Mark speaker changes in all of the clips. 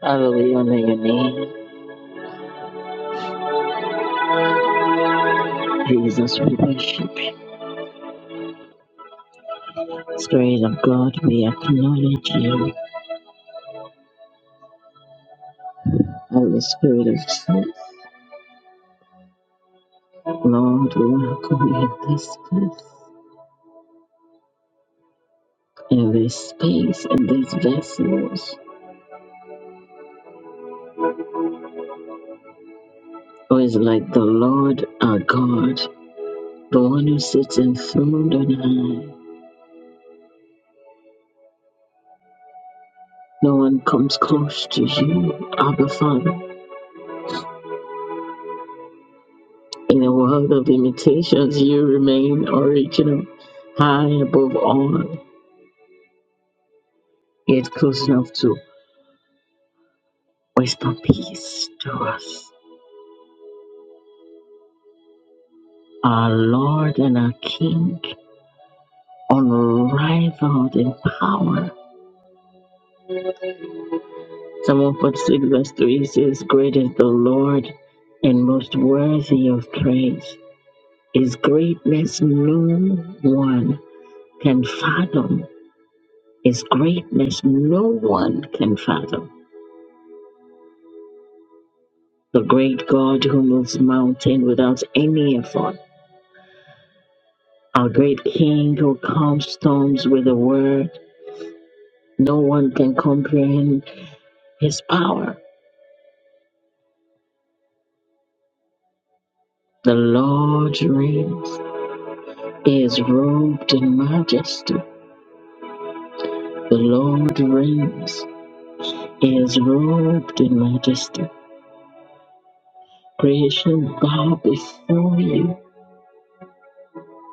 Speaker 1: Hallelujah, honor your name. Jesus, we worship you. Spirit of God, we acknowledge you. Holy Spirit of truth, Lord, we welcome you in this place, in this space, in these vessels. Who is like the Lord our God, the one who sits enthroned on high. No one comes close to you, Abba Father. In a world of imitations, you remain original, high above all, yet close enough to Whisper peace to us, our Lord and our King, unrivaled in power. Psalm 146, verse 3 says, Great is the Lord and most worthy of praise. His greatness no one can fathom. His greatness no one can fathom. The great God who moves mountains without any effort. Our great King who calms storms with a word. No one can comprehend His power, the Lord reigns, is robed in majesty. The Lord reigns, is robed in majesty. Creation bow before you.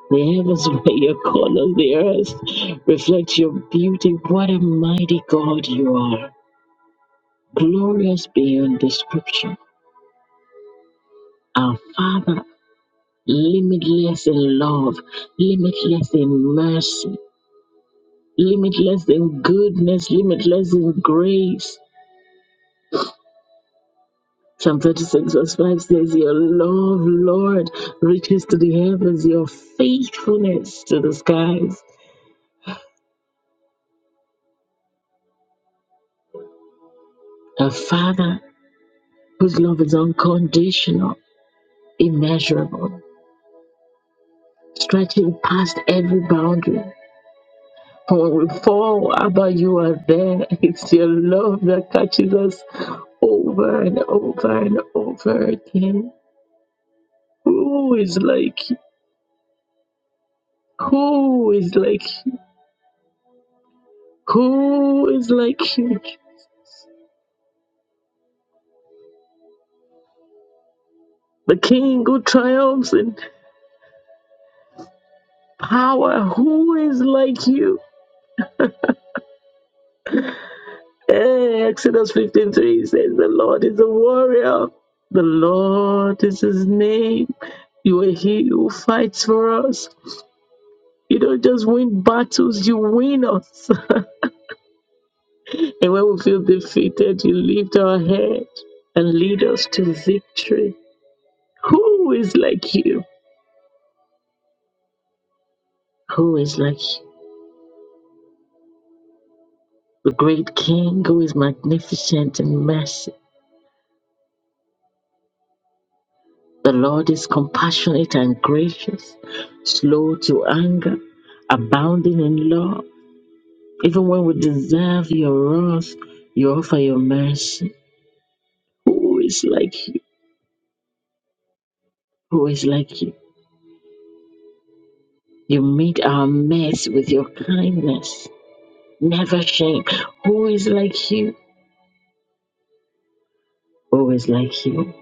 Speaker 1: The heavens wear your colors, the earth reflects your beauty. What a mighty God you are, glorious beyond description. Our Father, limitless in love, limitless in mercy. limitless in goodness, limitless in grace. Psalm 36, verse 5 says, Your love, Lord, reaches to the heavens, your faithfulness to the skies. A Father whose love is unconditional, immeasurable, stretching past every boundary. And When we fall, Abba, you are there. It's your love that catches us over and over and over again. Who is like you? Who is like Who is like you? The King who triumphs in power. Who is like you? Eh, Exodus 15:3 says, The Lord is a warrior. The Lord is his name. You are he who fights for us. You don't just win battles, you win us. And when we feel defeated, you lift our head and lead us to victory. Who is like you? Who is like you? The great King who is magnificent in mercy. The Lord is compassionate and gracious, slow to anger, abounding in love. Even when we deserve your wrath, you offer your mercy. Who is like you? Who is like you? You meet our mess with your kindness, never shame. Who is like you? Who is like you?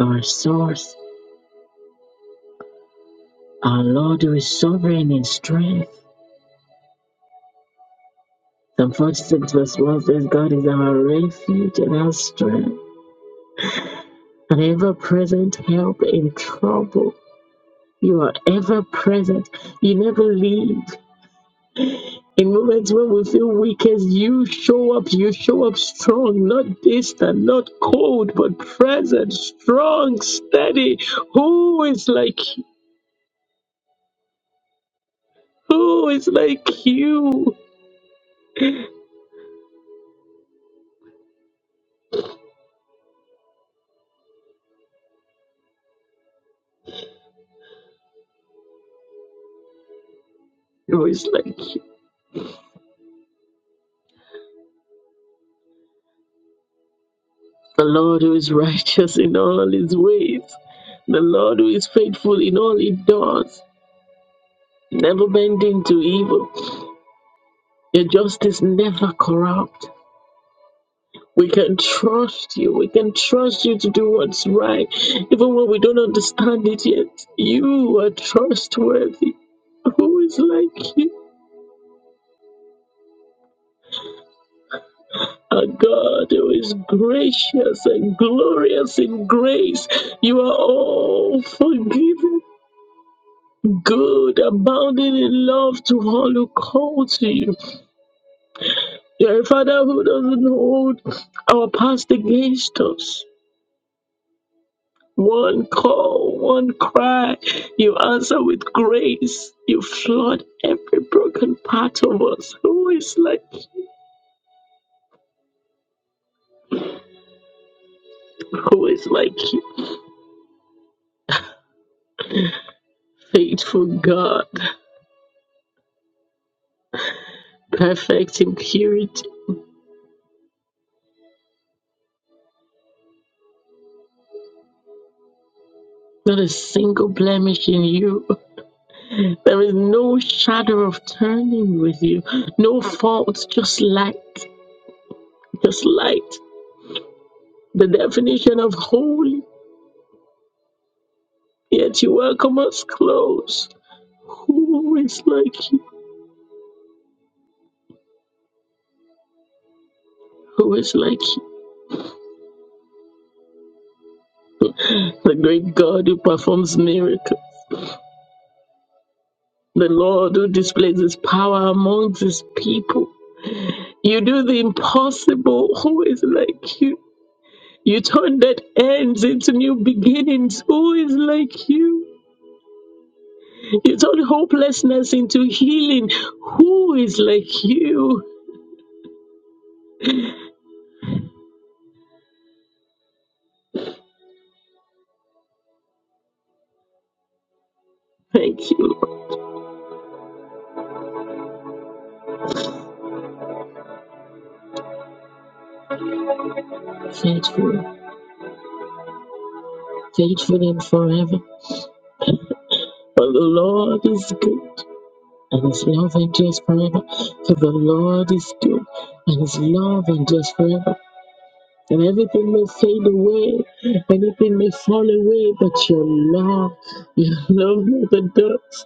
Speaker 1: Our source, our Lord who is sovereign in strength. The first sentence was that God is our refuge and our strength, an ever present help in trouble. You are ever present. You never leave. In moments when we feel weakest, you show up. You show up strong, not distant, not cold, but present, strong, steady. Who is like you? Who is like you? Who is like you? The Lord who is righteous in all his ways, the Lord who is faithful in all he does, never bending to evil. Your justice never corrupt. We can trust you. We can trust you to do what's right. Even when we don't understand it yet, you are trustworthy. Who is like you? A God who is gracious and glorious in grace. You are all forgiving. good, abounding in love to all who call to you. You're a Father who doesn't hold our past against us. One call, one cry, you answer with grace. You flood every broken part of us. Who is like you? Who is like you? Faithful God, perfect in purity. Not a single blemish in you. There is no shadow of turning with you. No fault, just light. His light, the definition of holy, yet you welcome us close. Who is like you? Who is like you? The great God who performs miracles, the Lord who displays his power amongst his people. You do the impossible. Who is like you? You turn dead ends into new beginnings. Who is like you? You turn hopelessness into healing. Who is like you? Thank you, Lord. Thank you. faithful and forever. For the Lord is good, and his love endures forever. For the Lord is good, and his love endures forever. And everything may fade away, anything may fall away, but your love, your love never does.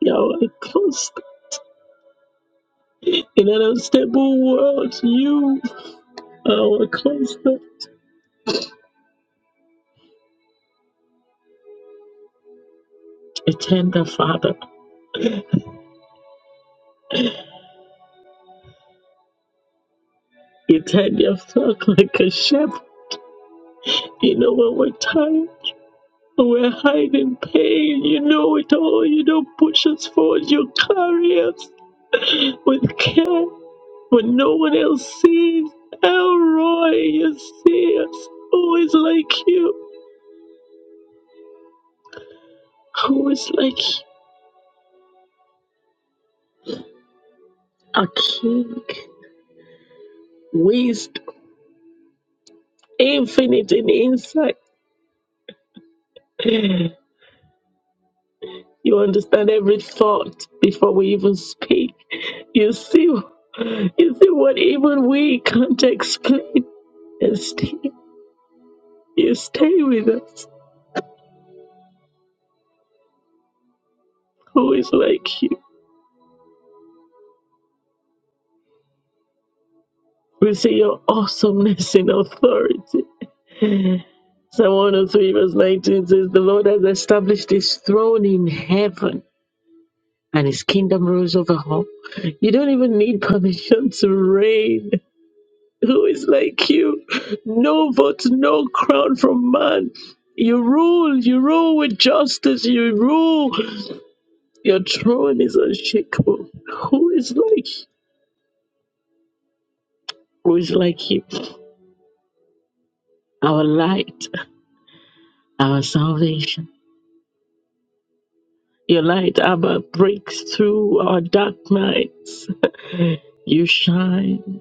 Speaker 1: You are our constant in an unstable world. You are our constant. A tender father. You tend your flock like a shepherd. You know when we're tired. We're hiding pain, you know it all. You don't push us forward, you carry us with care when no one else sees. Elroy, you see us. Who is like you? Who is like you? A king, wisdom, infinite in insight. You understand every thought before we even speak. You see, you see what even we can't explain. And still, you stay with us. Who is like you? We see your awesomeness in authority. Psalm 103, verse 19 says, The Lord has established his throne in heaven, and his kingdom rules over all. You don't even need permission to reign. Who is like you? No vote, no crown from man. You rule, you rule with justice, you rule. Your throne is unshakable. Who is like you? Who is like you? Our light, our salvation. Your light, Abba, breaks through our dark nights. You shine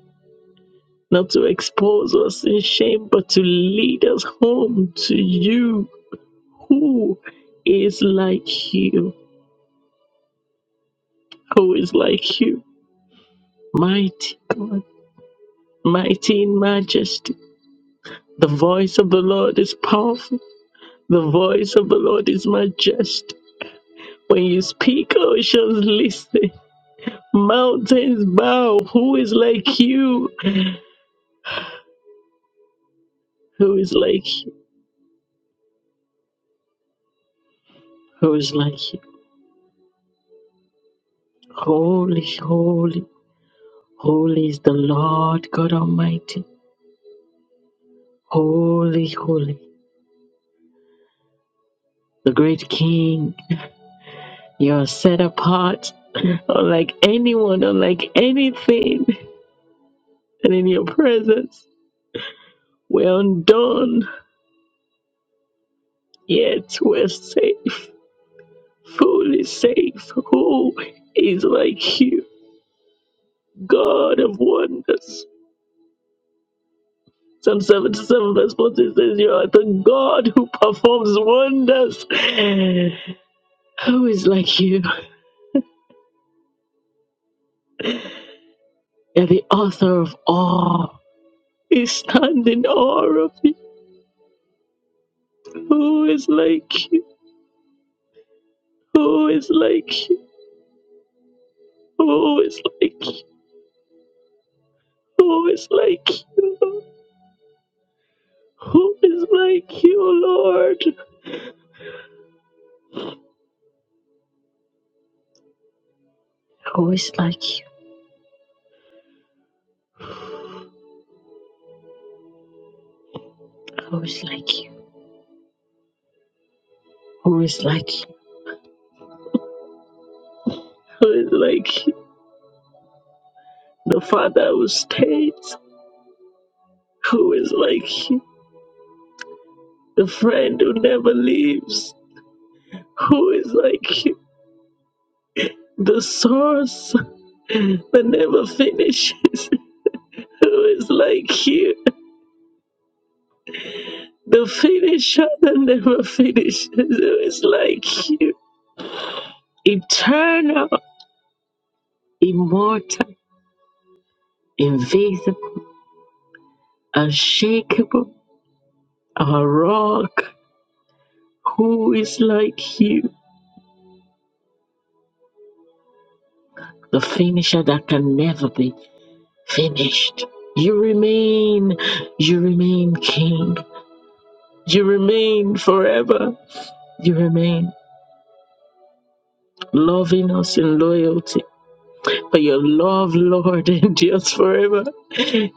Speaker 1: not to expose us in shame, but to lead us home to you. Who is like you? Who is like you? Mighty God, mighty in majesty. The voice of the Lord is powerful. The voice of the Lord is majestic. When you speak, oceans listen. Mountains bow. Who is like you? Who is like you? who is like you. Holy, holy, holy is the Lord God Almighty. Holy, holy, the great King. You are set apart, unlike anyone, unlike anything. And in your presence, we're undone, yet we're safe, fully safe. Who is like you, God of wonders? Psalm 77 verse 14 says, You are the God who performs wonders. Who is like you? You're the author of awe. We stand in awe of you. Who is like you? Who is like you? Who is like you? Who is like you? Who is like you, Lord? Who is like you? Who is like you? Who is like you? Who is like you? The Father who stays. Who is like you? The friend who never leaves. Who is like you? The source that never finishes. Who is like you? The finisher that never finishes. Who is like you? Eternal, immortal, invisible, unshakable, our rock. Who is like you? The finisher that can never be finished. You remain, you remain king. You remain forever. You remain loving us in loyalty for your love, Lord, endures forever.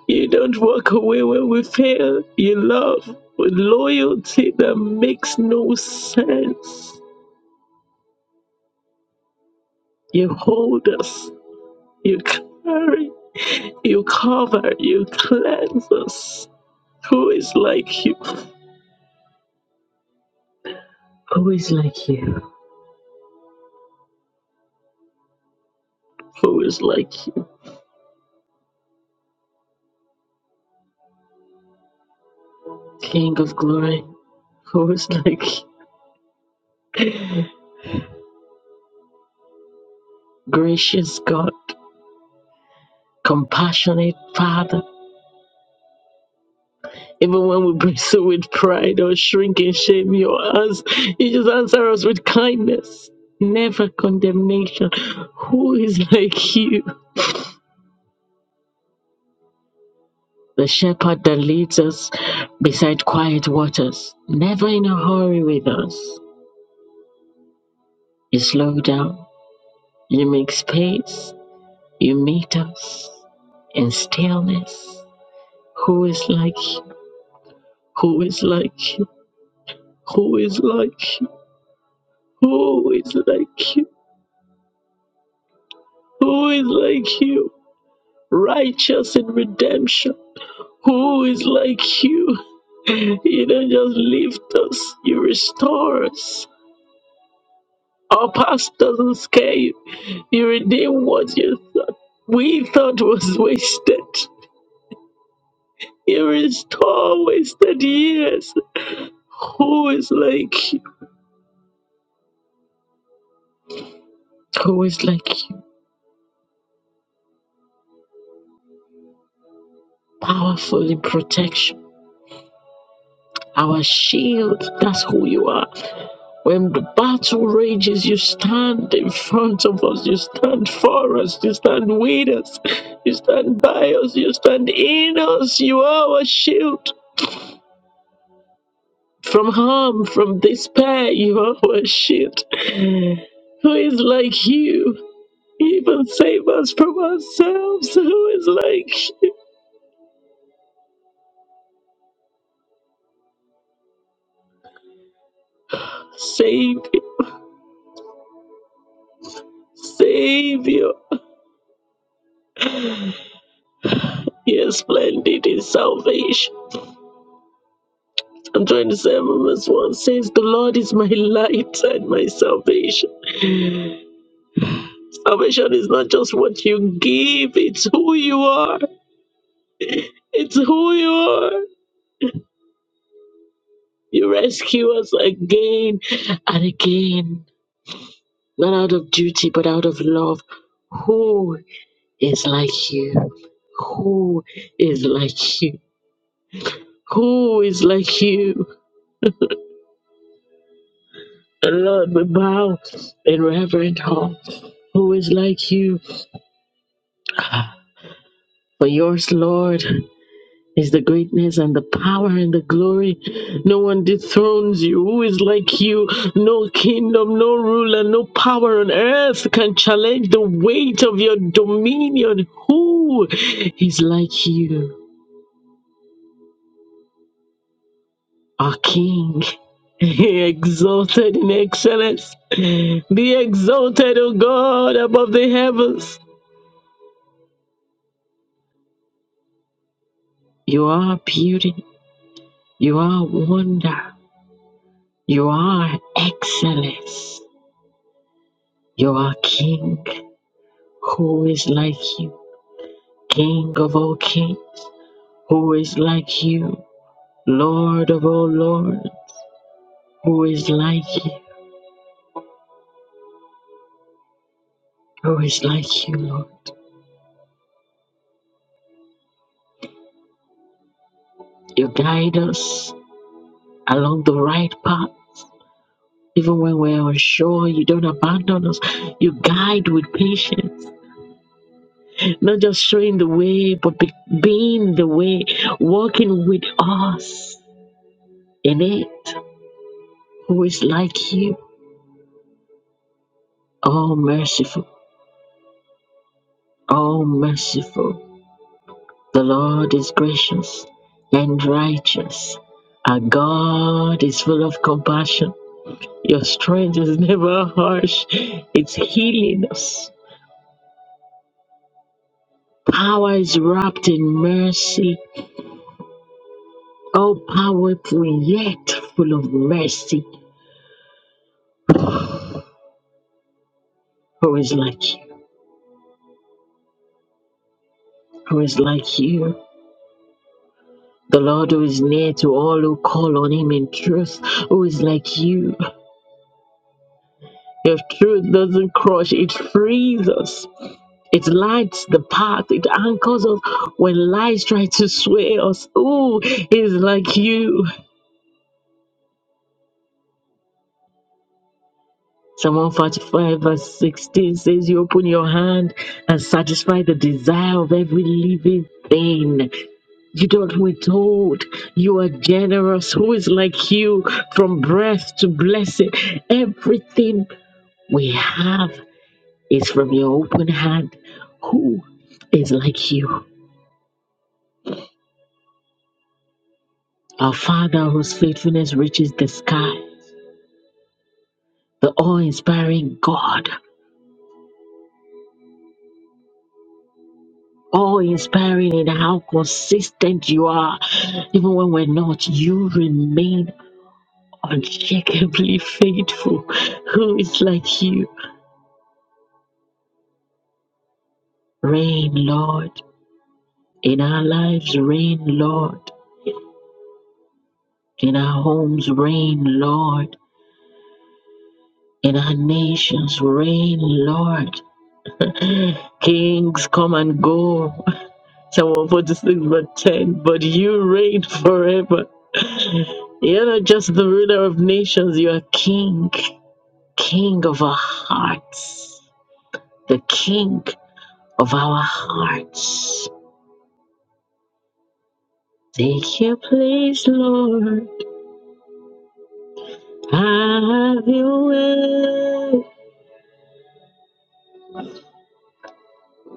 Speaker 1: You don't walk away when we fail. You love with loyalty that makes no sense. You hold us, you carry, you cover, you cleanse us. Who is like you? Who is like you? Who is like you? King of glory, who is like you? Gracious God, compassionate Father Even when we bristle with pride or shrink in shame, you, ans- you just answer us with kindness, never condemnation. Who is like you? The shepherd that leads us beside quiet waters, never in a hurry with us. You slow down, you make space, you meet us in stillness. Who is like you? Who is like you? Who is like you? Who is like you? Who is like you? righteous in redemption. Who is like you? You don't just lift us, you restore us. Our past doesn't escape. You redeem what you th- we thought was wasted. You restore wasted years. Who is like you? Who is like you? Powerful in protection. Our shield, that's who you are. When the battle rages, you stand in front of us, you stand for us, you stand with us, you stand by us, you stand in us, you are our shield. From harm, from despair, you are our shield. Who is like you? Even save us from ourselves. Who is like Savior? Savior. He is splendid in salvation. And 27 verse 1 says, The Lord is my light and my salvation. Salvation is not just what you give, it's who you are. It's who you are. You rescue us again and again, not out of duty, but out of love. Who is like you? Who is like you? Who is like you? And Lord, we bow in reverent awe. Who is like you? Ah, For yours, Lord. is the greatness and the power and the glory. No one dethrones you. Who is like you? No kingdom, no ruler, no power on earth can challenge the weight of your dominion. Who is like you? Our King. exalted in excellence. Be exalted, O God, above the heavens. You are beauty. You are wonder. You are excellence. You are King. Who is like you, King of all kings? Who is like you, Lord of all lords? Who is like you? Who is like you, Lord? You guide us along the right path. Even when we're unsure, you don't abandon us. You guide with patience, not just showing the way, but be- being the way, walking with us in it. Who is like you? All merciful, all merciful. The Lord is gracious and righteous. Our God is full of compassion. Your strength is never harsh, it's healing us. Power is wrapped in mercy. Oh, powerful yet full of mercy. Who is like you? Who is like you? The Lord who is near to all who call on him in truth, who is like you. Your truth doesn't crush, it frees us. It lights the path. It anchors us when lies try to sway us. Ooh, it's like you. Psalm 145 verse 16 says, You open your hand and satisfy the desire of every living thing. You don't withhold. You are generous. Who is like you from breath to blessing? Everything we have is from your open hand. Who is like you? Our Father, whose faithfulness reaches the sky. the all inspiring God, all inspiring in how consistent you are. Even when we're not, you remain unshakably faithful. Who is like you? Reign, Lord, in our lives, reign, Lord, in our homes, reign, Lord, in our nations, reign, Lord. Kings come and go. Someone 46 but 10, but you reign forever. You're not just the ruler of nations, you are king, king of our hearts, the king of our hearts. Take your place, Lord. Have your way.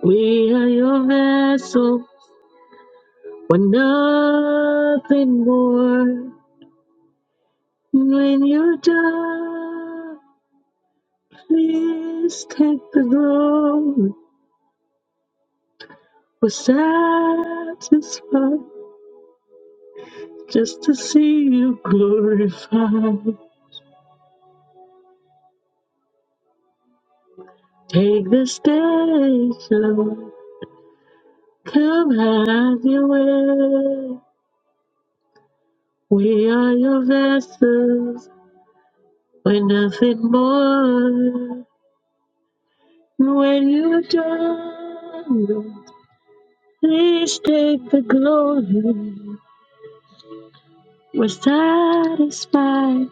Speaker 1: We are your vessel. We're nothing more. When you're done, please take the glory. We're satisfied. just to see you glorified. Take the stage, Lord. Come have your way. We are your vessels. We're nothing more. When you're done, please take the glory. We're satisfied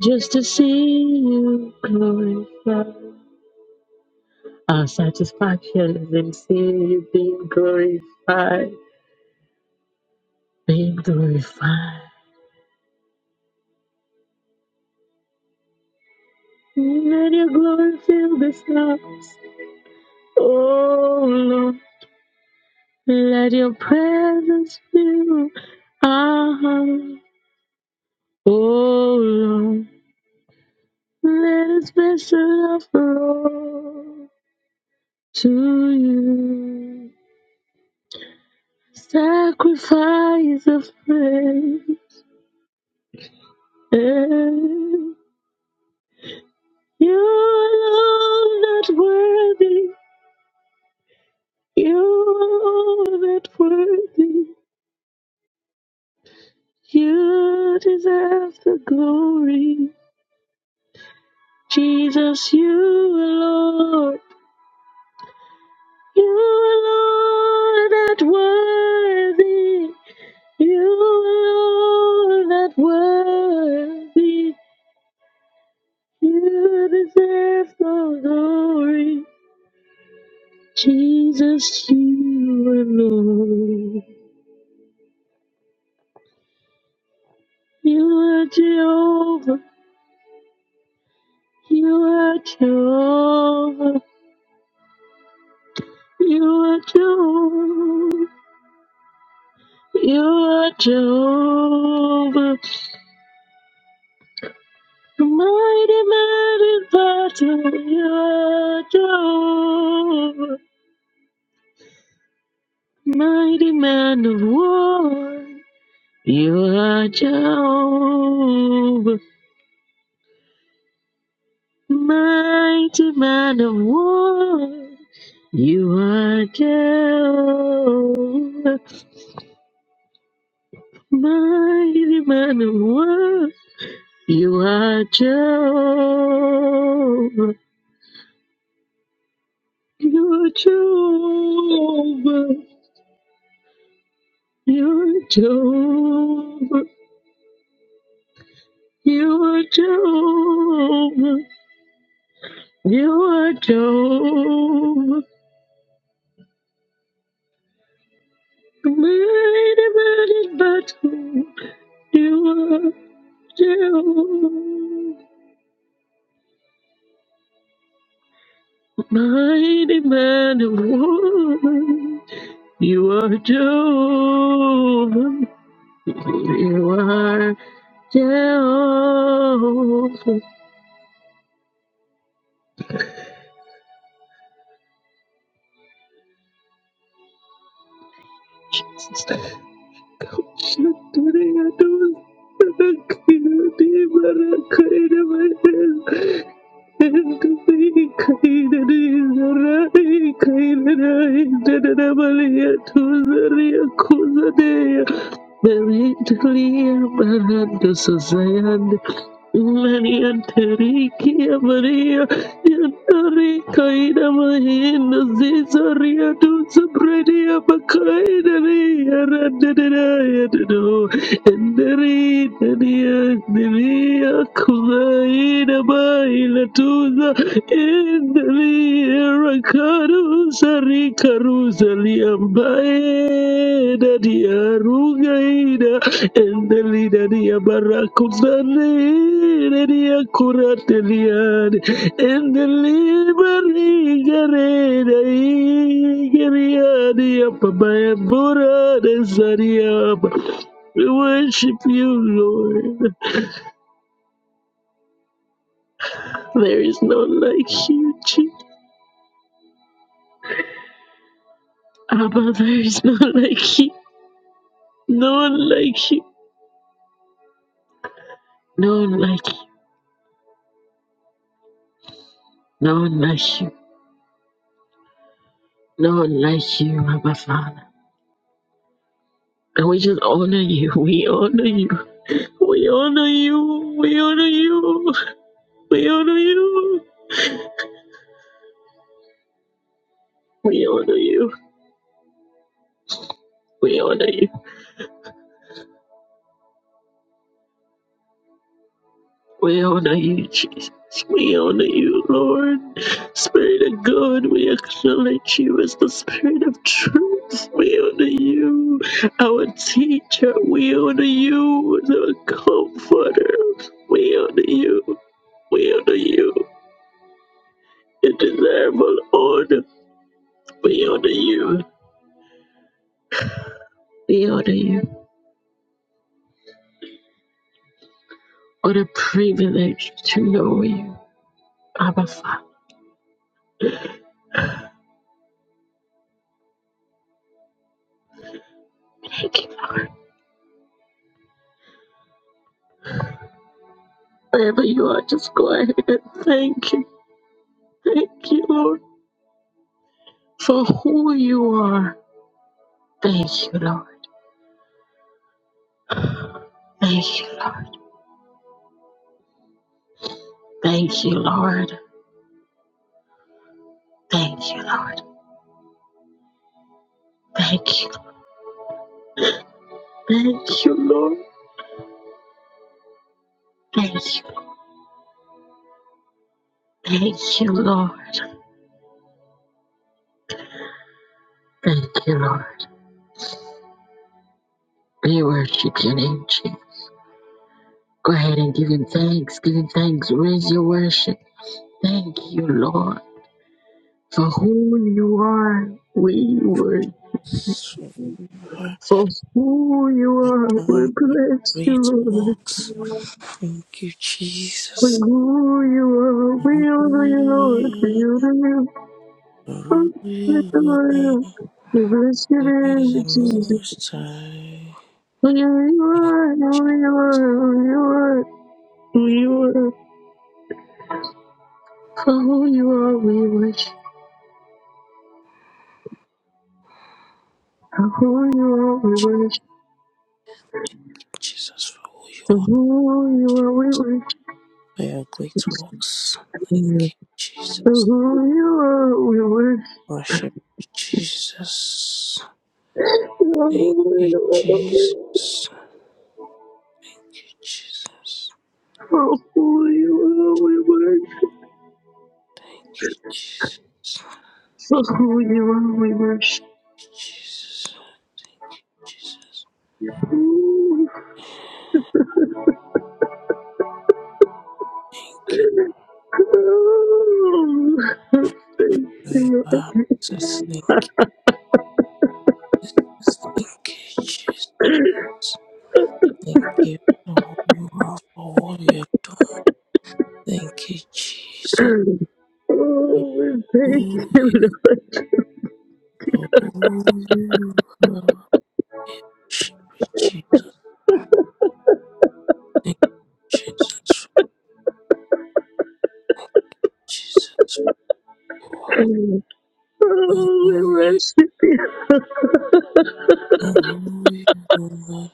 Speaker 1: just to see you glorified. Our satisfaction is in seeing you being glorified. Be glorified. Let your glory fill this house. Oh Lord, let your presence fill our heart. Oh Lord, let us vessel offer all to you. Sacrifice of praise. And you alone not worthy. You alone not worthy. You deserve the glory. Jesus, you alone. You alone that worthy. You alone that worthy. You deserve the glory. Jesus, you alone. You are Jehovah. You are Jehovah. You are Jehovah. You are Jehovah, the mighty man in battle. You are Jehovah, mighty man of war. You are Jehovah, mighty man of war. You are Jehovah, mighty man of war. You are Jehovah. You're Jehovah. You're Jehovah. You are Jehovah. You are Jehovah. Great man in battle. You are Jehovah. Mighty man of war. You are Jehovah. You are Jehovah. Jesus. Shantire gatos, rakhi nadi mara kare na Maria Terikia Maria Yantarika Ida Mahina Zizaria Dusa Bredia Bakaida Ria Radadaya Dodo Ndari ndari ndari akuzaina tuza. ndari rakaru sari karuza liambaye ndari arugaina ndari ndari abarakuzane ndari akurateliane ndari barigare ndari gariani apabaya bura desariaba we worship you, Lord. There is none like you, Jesus. Abba, there is none like you. No one like you. No one like you. No one like you. No one like you, Abba Father. And we just honor you. We honor you. We honor you. We honor you. We honor you. We honor you. We honor you. We honor you, Jesus. We honor you, Lord. Spirit of God, we acknowledge you as the Spirit of truth. We honor you, our teacher. We honor you, the comforter. We honor you. We honor you. You deserve all honor. We honor you. We honor you. What a privilege to know you. Abba, Father. Thank you, Lord. Wherever you are, just go ahead and thank you. Thank you, Lord. for who you are. Thank you, Lord. Thank you, Lord. Thank you, Lord. Thank you, Lord. Thank you. Thank you, Lord. Thank you. Thank you, Lord. Thank you, Lord. We worship your name, Jesus. Go ahead and give him thanks. Give him thanks. Raise your worship. Thank you, Lord, for who you are. We worship.
Speaker 2: Lord,
Speaker 1: For who you are,
Speaker 2: on
Speaker 1: we
Speaker 2: the
Speaker 1: bless
Speaker 2: great
Speaker 1: you,
Speaker 2: works.
Speaker 1: Lord.
Speaker 2: Thank you,
Speaker 1: We
Speaker 2: Jesus.
Speaker 1: know you are, we
Speaker 2: Hallelujah.
Speaker 1: honor you, Lord, we honor you. Hallelujah. We honor you. We bless
Speaker 2: There
Speaker 1: your
Speaker 2: is
Speaker 1: name,
Speaker 2: a
Speaker 1: Jesus.
Speaker 2: most high.
Speaker 1: For you are, who you are, who you are, who you are, For who you are. we worship. For who you are, we worship.
Speaker 2: Jesus, for who you
Speaker 1: For
Speaker 2: are,
Speaker 1: who you are, we worship.
Speaker 2: for your great works.
Speaker 1: For who you
Speaker 2: Thank
Speaker 1: are,
Speaker 2: you,
Speaker 1: we worship. For
Speaker 2: Jesus.
Speaker 1: who you are, we worship.
Speaker 2: Worship Jesus.
Speaker 1: For
Speaker 2: Thank you,
Speaker 1: who
Speaker 2: Jesus. Thank you, Jesus.
Speaker 1: you are, we worship.
Speaker 2: Thank you, Jesus.
Speaker 1: For who you are, we worship.
Speaker 2: Jesus, thank you, Jesus,
Speaker 1: Oh,
Speaker 2: thank
Speaker 1: thank
Speaker 2: you,
Speaker 1: you.
Speaker 2: Lord. Jesus, thank you, Jesus, thank you, Jesus, thank you for what you are, for what you have done. Thank you, Jesus, for
Speaker 1: Oh, thank you,
Speaker 2: who you
Speaker 1: Lord.
Speaker 2: for who you are. We worship you, Jesus, thank you, Jesus, for Jesus, for you are,
Speaker 1: Oh,
Speaker 2: for
Speaker 1: we
Speaker 2: who you
Speaker 1: worship you.
Speaker 2: for who you are, Lord.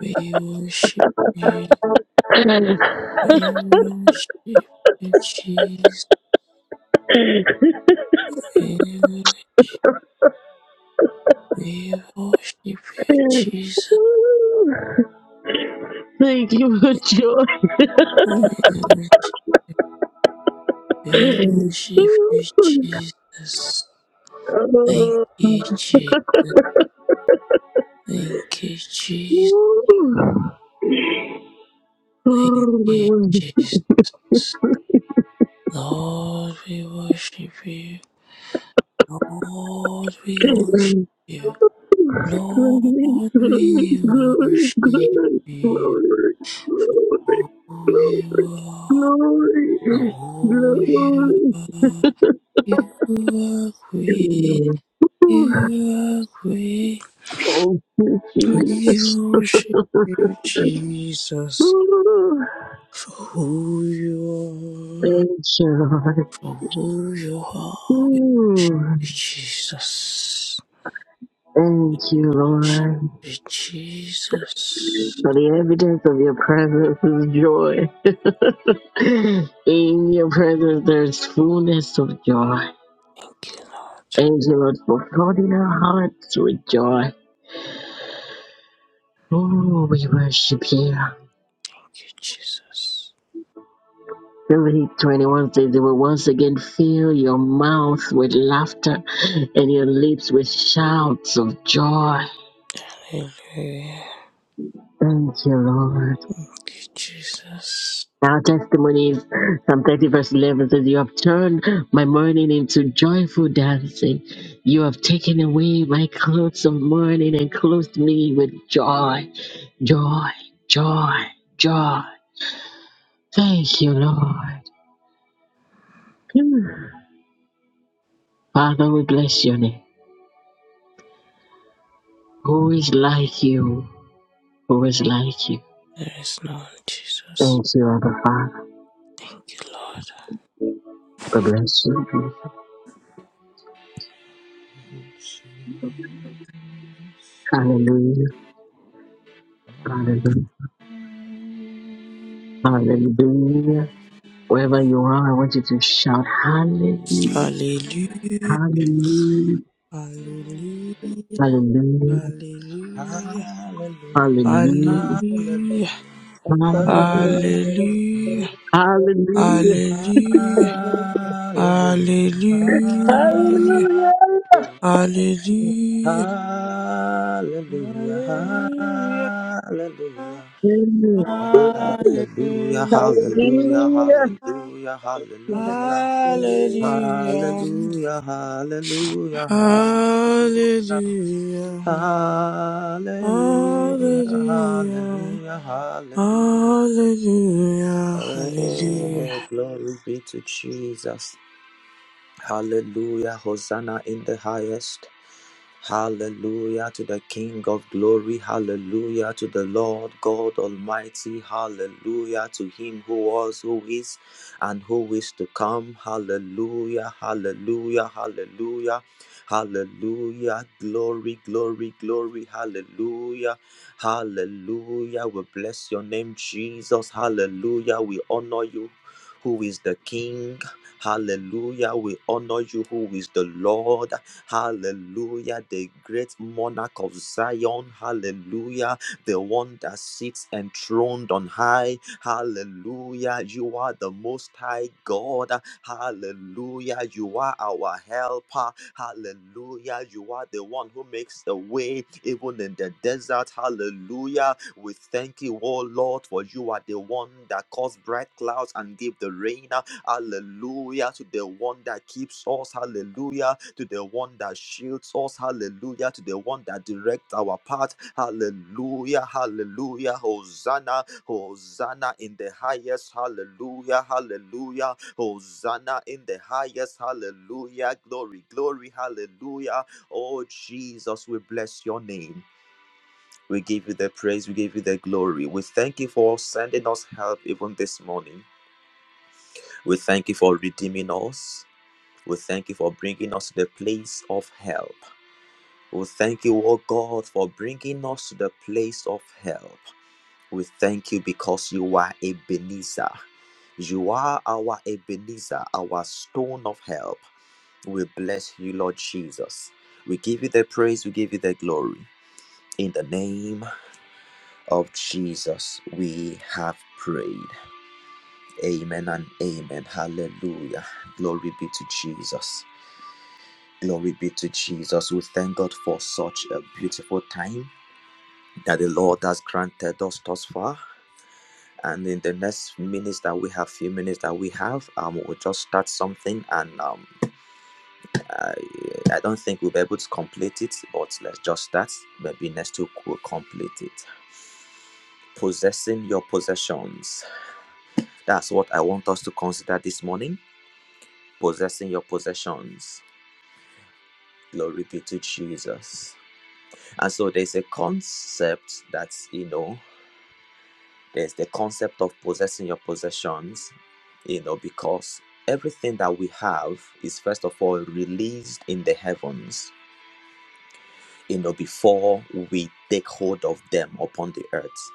Speaker 2: We worship you, we worship. you, Jesus, We we worship you,
Speaker 1: Oh,
Speaker 2: Jesus.
Speaker 1: Thank you for joy.
Speaker 2: We worship we worship you, Jesus. Thank
Speaker 1: Oh,
Speaker 2: you, Jesus. Thank you, Jesus.
Speaker 1: oh,
Speaker 2: Thank
Speaker 1: oh, we
Speaker 2: you,
Speaker 1: worship
Speaker 2: Jesus. Lord, we worship you. Lord, we worship
Speaker 1: you.
Speaker 2: you.
Speaker 1: Glory,
Speaker 2: Lord,
Speaker 1: glory,
Speaker 2: we
Speaker 1: glory,
Speaker 2: worship you.
Speaker 1: glory, glory,
Speaker 2: For who
Speaker 1: glory,
Speaker 2: you are,
Speaker 1: glory,
Speaker 2: for who you
Speaker 1: glory,
Speaker 2: are. You are great,
Speaker 1: glory. Ooh,
Speaker 2: you are great.
Speaker 1: Thank you,
Speaker 2: We
Speaker 1: Jesus.
Speaker 2: worship you, Jesus,
Speaker 1: Ooh,
Speaker 2: for who you
Speaker 1: Thank you,
Speaker 2: are,
Speaker 1: Lord.
Speaker 2: for who you are. We
Speaker 1: Ooh,
Speaker 2: worship you, Jesus,
Speaker 1: Thank you,
Speaker 2: Worship
Speaker 1: Lord.
Speaker 2: you, Jesus.
Speaker 1: For the evidence of your presence is joy. In your presence, there's fullness of joy.
Speaker 2: Thank you, Lord.
Speaker 1: Thank you, Lord, for flooding our hearts with joy. Oh, we worship you.
Speaker 2: Thank you, Jesus.
Speaker 1: Psalm 21 says, They will once again fill your mouth with laughter and your lips with shouts of joy.
Speaker 2: Hallelujah.
Speaker 1: Thank you, Lord.
Speaker 2: Thank you, Jesus.
Speaker 1: Our testimony is Psalm 30, verse 11 says, You have turned my mourning into joyful dancing. You have taken away my clothes of mourning and clothed me with joy, joy, joy, joy. Thank you, Lord. Hmm. Father, we bless your name. Who is like you? Who is like you?
Speaker 2: There is none, Jesus.
Speaker 1: Thank you, Abba Father.
Speaker 2: Thank you, Lord.
Speaker 1: We bless you. Hallelujah. Hallelujah. Hallelujah. Wherever you are, I want you to shout hallelujah.
Speaker 2: Hallelujah.
Speaker 1: Hallelujah.
Speaker 2: Hallelujah.
Speaker 1: Hallelujah.
Speaker 2: Hallelujah.
Speaker 3: Hallelujah.
Speaker 1: Hallelujah.
Speaker 2: Hallelujah.
Speaker 3: Hallelujah.
Speaker 1: Hallelujah.
Speaker 3: Hallelujah.
Speaker 2: Hallelujah.
Speaker 1: Hallelujah.
Speaker 2: Hallelujah.
Speaker 4: Thank
Speaker 3: Hallelujah.
Speaker 2: Hallelujah. Hallelujah.
Speaker 3: Hallelujah.
Speaker 2: Hallelujah.
Speaker 3: Hallelujah.
Speaker 1: Hallelujah.
Speaker 3: Hallelujah,
Speaker 1: Hallelujah.
Speaker 2: Hallelujah.
Speaker 3: hallelujah, hallelujah,
Speaker 1: Hallelujah.
Speaker 3: hallelujah, hallelujah,
Speaker 2: Hallelujah.
Speaker 3: hallelujah, hallelujah,
Speaker 2: Hallelujah.
Speaker 3: hallelujah,
Speaker 2: Hallelujah.
Speaker 3: hallelujah, hallelujah,
Speaker 2: Hallelujah. Hallelujah.
Speaker 3: Oh, glory be to Jesus. Hallelujah. Hosanna in the highest. Hallelujah to the King of glory. Hallelujah to the Lord God Almighty. Hallelujah to Him who was, who is, and who is to come. Hallelujah. Hallelujah. Hallelujah. Hallelujah. Glory, glory, glory. Hallelujah. Hallelujah. We bless your name, Jesus. Hallelujah. We honor you, who is the King. Hallelujah. We honor you, who is the Lord. Hallelujah. The great monarch of Zion. Hallelujah. The one that sits enthroned on high. Hallelujah. You are the most high God. Hallelujah. You are our helper. Hallelujah. You are the one who makes the way even in the desert. Hallelujah. We thank you, oh Lord, for you are the one that caused bright clouds and give the rain. Hallelujah to the one that keeps us. Hallelujah to the one that shields us. Hallelujah to the one that directs our path. Hallelujah. Hallelujah. Hosanna. Hosanna in the highest. Hallelujah. Hallelujah. Hosanna in the highest. Hallelujah. Glory. Glory. Hallelujah. Oh Jesus, we bless your name. We give you the praise. We give you the glory. We thank you for sending us help even this morning. We thank you for redeeming us. We thank you for bringing us to the place of help. We thank you, O God, for bringing us to the place of help. We thank you because you are Ebenezer. You are our Ebenezer, our stone of help. We bless you, Lord Jesus. We give you the praise, we give you the glory. In the name of Jesus, we have prayed. Amen and amen. Hallelujah. Glory be to Jesus. Glory be to Jesus. We thank God for such a beautiful time that the Lord has granted us thus far. And in the next minutes that we have, few minutes that we have, um, we'll just start something. And um, I, I don't think we'll be able to complete it, but let's just start. Maybe next week we'll complete it. Possessing your possessions. That's what I want us to consider this morning. Possessing your possessions. Glory be to Jesus. And so there's a concept that, you know, There's the concept of possessing your possessions, you know, because everything that we have is first of all released in the heavens, you know, before we take hold of them upon the earth.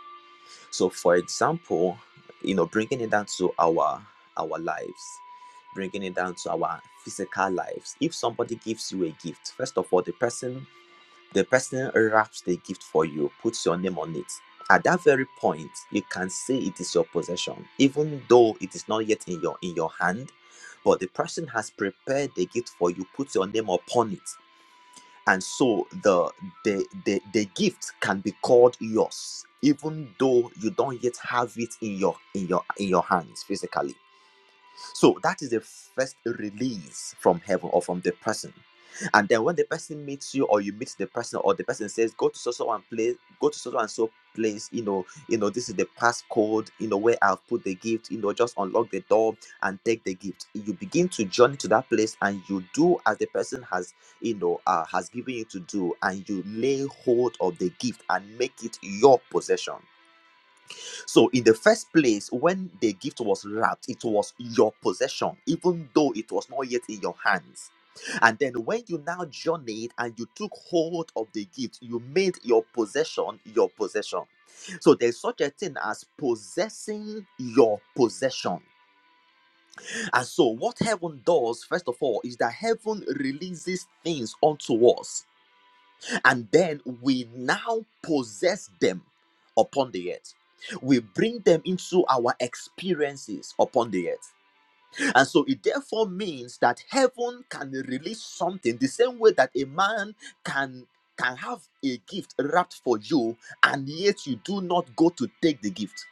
Speaker 3: So, for example, you know, bringing it down to our our lives, bringing it down to our physical lives. If somebody gives you a gift, first of all, the person the person wraps the gift for you, puts your name on it. At that very point, you can say it is your possession, even though it is not yet in your in your hand. But the person has prepared the gift for you, put your name upon it. And so the the the, the gift can be called yours, even though you don't yet have it in your in your in your hands physically so that is the first release from heaven or from the person. And then when the person meets you or you meet the person or the person says, go to so so and place, go to so so and so place, you know, you know, this is the passcode, you know, where I've put the gift, you know, just unlock the door and take the gift. You begin to journey to that place and you do as the person has, you know, uh, has given you to do, and you lay hold of the gift and make it your possession. So, in the first place, when the gift was wrapped, it was your possession, even though it was not yet in your hands. And then, when you now journeyed and you took hold of the gift, you made your possession your possession. So, there's such a thing as possessing your possession. And so, what heaven does, first of all, is that heaven releases things unto us and then we now possess them upon the earth. We bring them into our experiences upon the earth. And so it therefore means that heaven can release something the same way that a man can can have a gift wrapped for you and yet you do not go to take the gift.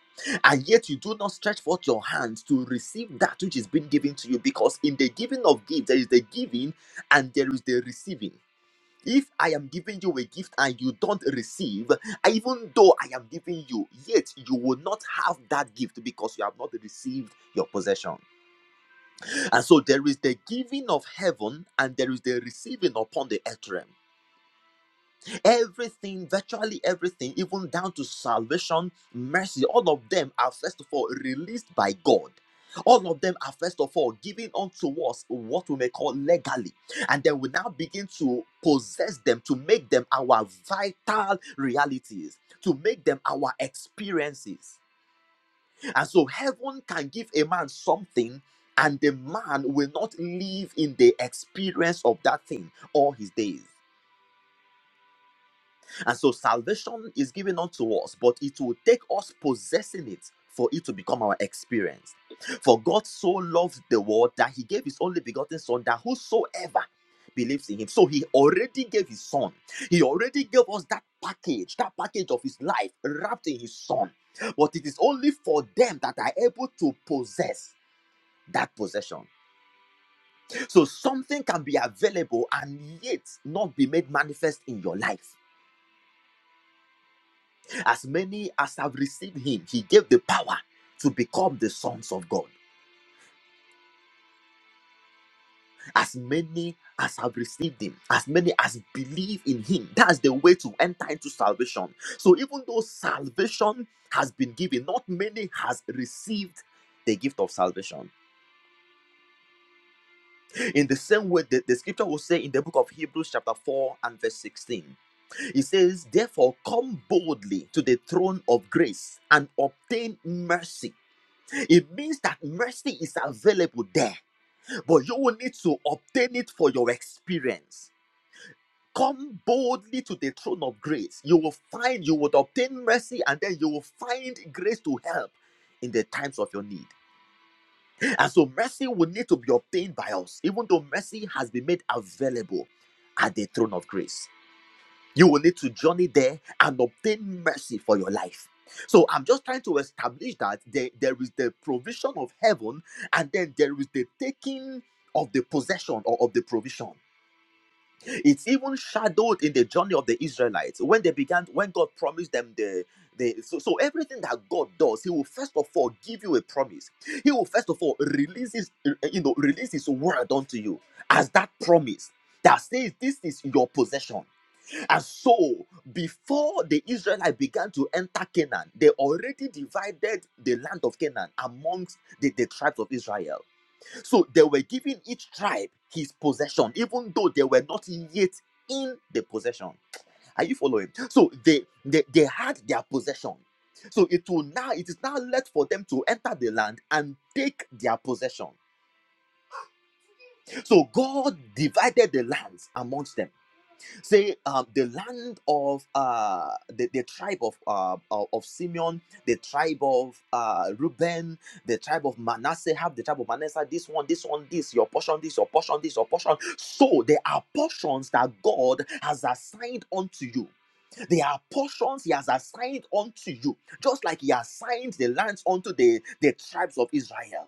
Speaker 3: And yet you do not stretch forth your hands to receive that which is being given to you because in the giving of gifts there is the giving and there is the receiving. If I am giving you a gift and you don't receive, even though I am giving you, yet you will not have that gift because you have not received your possession. And so there is the giving of heaven and there is the receiving upon the earth. realm. Everything, virtually everything, even down to salvation, mercy, all of them are first of all released by God. All of them are first of all given unto us what we may call legally. And then we now begin to possess them, to make them our vital realities, to make them our experiences. And so heaven can give a man something, and the man will not live in the experience of that thing all his days. And so salvation is given unto us, but it will take us possessing it for it to become our experience. For God so loved the world that he gave his only begotten Son, that whosoever believes in him. So he already gave his Son. He already gave us that package, that package of his life wrapped in his Son. But it is only for them that are able to possess that possession. So something can be available and yet not be made manifest in your life As many as have received him, he gave the power to become the sons of God. As many as have received him, as many as believe in him, that's the way to enter into salvation. So even though salvation has been given, not many has received the gift of salvation. In the same way, the, the scripture will say in the book of Hebrews, chapter 4 and verse 16, it says, Therefore, come boldly to the throne of grace and obtain mercy It means that mercy is available there, but you will need to obtain it for your experience. Come boldly to the throne of grace. You will find, you would obtain mercy, and then you will find grace to help in the times of your need. And so, mercy will need to be obtained by us, even though mercy has been made available at the throne of grace. You will need to journey there and obtain mercy for your life. So I'm just trying to establish that there, there is the provision of heaven and then there is the taking of the possession or of the provision. It's even shadowed in the journey of the Israelites when they began, when God promised them the. the so, so everything that God does, He will first of all give you a promise. He will first of all release His, you know, release His word unto you as that promise that says this is your possession and so, before the Israelites began to enter Canaan, they already divided the land of Canaan amongst the, the tribes of Israel. So, they were giving each tribe his possession, even though they were not yet in the possession. Are you following? So, they, they, they had their possession. So it will now it is now left for them to enter the land and take their possession. So God divided the lands amongst them. Say um, the land of uh, the, the tribe of, uh, of of Simeon, the tribe of uh, Reuben, the tribe of Manasseh, have the tribe of Manasseh, this one, this one, this, your portion, this, your portion, this, your portion. So there are portions that God has assigned unto you. There are portions he has assigned unto you, just like he assigned the lands unto the, the tribes of Israel.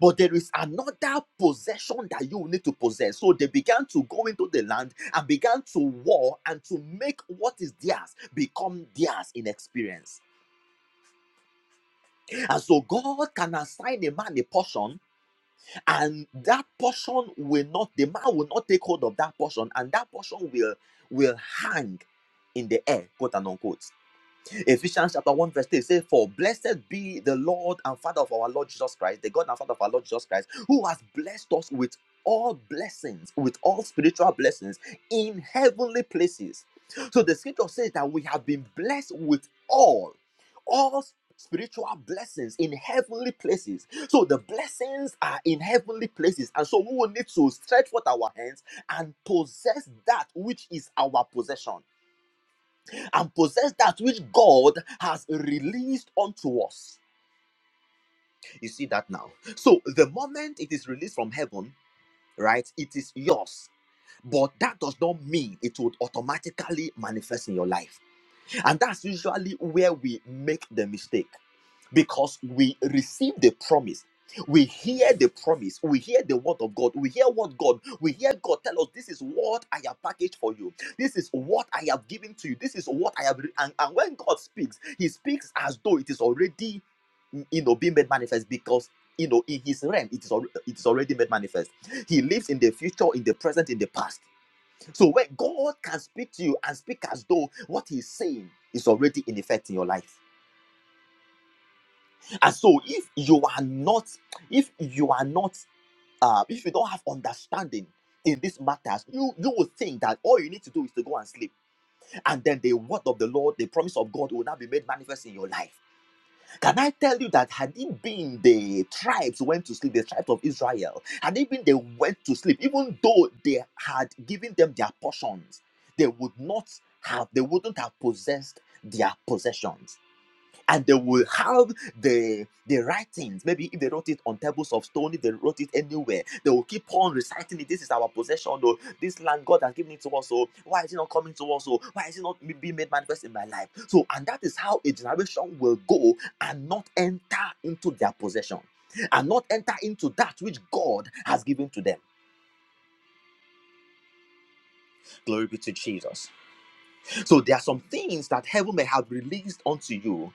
Speaker 3: But there is another possession that you need to possess. So they began to go into the land and began to war and to make what is theirs become theirs in experience. And so God can assign a man a portion, and that portion will not, the man will not take hold of that portion, and that portion will will hang in the air, quote and unquote. Ephesians chapter 1, verse 3 says, For blessed be the Lord and Father of our Lord Jesus Christ, the God and Father of our Lord Jesus Christ, who has blessed us with all blessings, with all spiritual blessings in heavenly places. So the scripture says that we have been blessed with all, all spiritual blessings in heavenly places. So the blessings are in heavenly places. And so we will need to stretch forth our hands and possess that which is our possession and possess that which God has released unto us. You see that now. So the moment it is released from heaven, right, it is yours. But that does not mean it would automatically manifest in your life. And that's usually where we make the mistake because we receive the promise. We hear the promise. We hear the word of God. We hear what God, we hear God tell us, This is what I have packaged for you. This is what I have given to you. This is what I have. re-" And, and when God speaks, He speaks as though it is already, mm, you know, being made manifest because, you know, in His realm, it is, al- it is already made manifest. He lives in the future, in the present, in the past. So when God can speak to you and speak as though what He's saying is already in effect in your life and so if you are not, if you are not, uh, if you don't have understanding in these matters, you you will think that all you need to do is to go and sleep, and then the word of the Lord, the promise of God will now be made manifest in your life. Can I tell you that had it been the tribes went to sleep, the tribes of Israel, had it been they went to sleep, even though they had given them their portions, they would not have, they wouldn't have possessed their possessions and they will have the the writings maybe if they wrote it on tables of stone if they wrote it anywhere they will keep on reciting it this is our possession or this land god has given it to us so why is it not coming to us so why is it not being made manifest in my life so and that is how a generation will go and not enter into their possession and not enter into that which god has given to them glory be to jesus so there are some things that heaven may have released unto you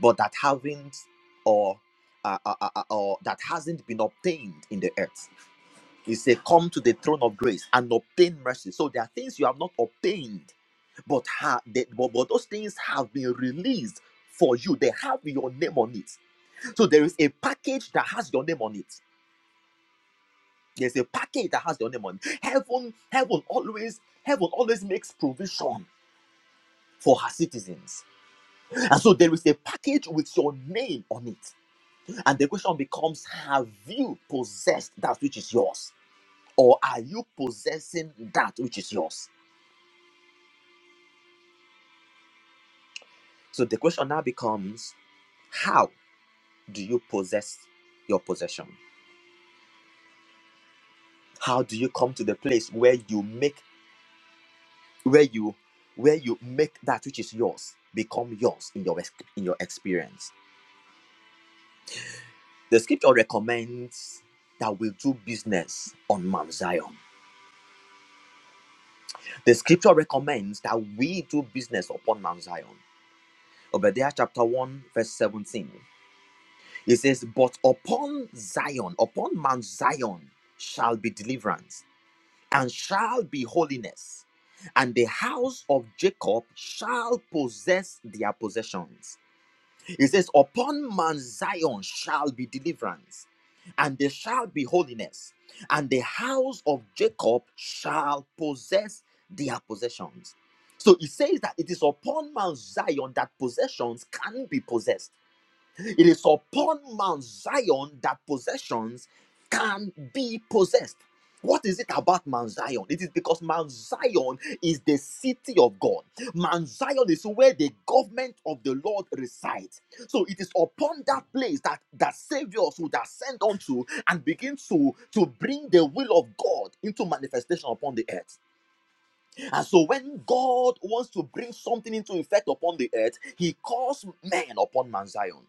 Speaker 3: but that haven't or uh, uh, uh, uh, or that hasn't been obtained in the earth. He said, "Come to the throne of grace and obtain mercy." So there are things you have not obtained, but ha- they, but, but those things have been released for you. They have your name on it. So there is a package that has your name on it. There's a package that has your name on it. Heaven, heaven always, heaven always makes provision for her citizens, and so there is a package with your name on it. And the question becomes Have you possessed that which is yours? Or are you possessing that which is yours? So the question now becomes How do you possess your possession? How do you come to the place where you make, where you, where you make that which is yours become yours in your ex- in your experience? The scripture recommends that we do business on Mount Zion. The scripture recommends that we do business upon Mount Zion. Obadiah chapter 1, verse 17. It says, But upon Zion, upon Mount Zion shall be deliverance, and shall be holiness, and the house of Jacob shall possess their possessions. It says, Upon Mount Zion shall be deliverance, and there shall be holiness, and the house of Jacob shall possess their possessions. So it says that it is upon Mount Zion that possessions can be possessed. It is upon Mount Zion that possessions can be possessed. What is it about Mount Zion? It is because Mount Zion is the city of God. Mount Zion is where the government of the Lord resides. So it is upon that place that that saviors would ascend onto and begin to to bring the will of God into manifestation upon the earth. And so when God wants to bring something into effect upon the earth, He calls men upon Mount Zion.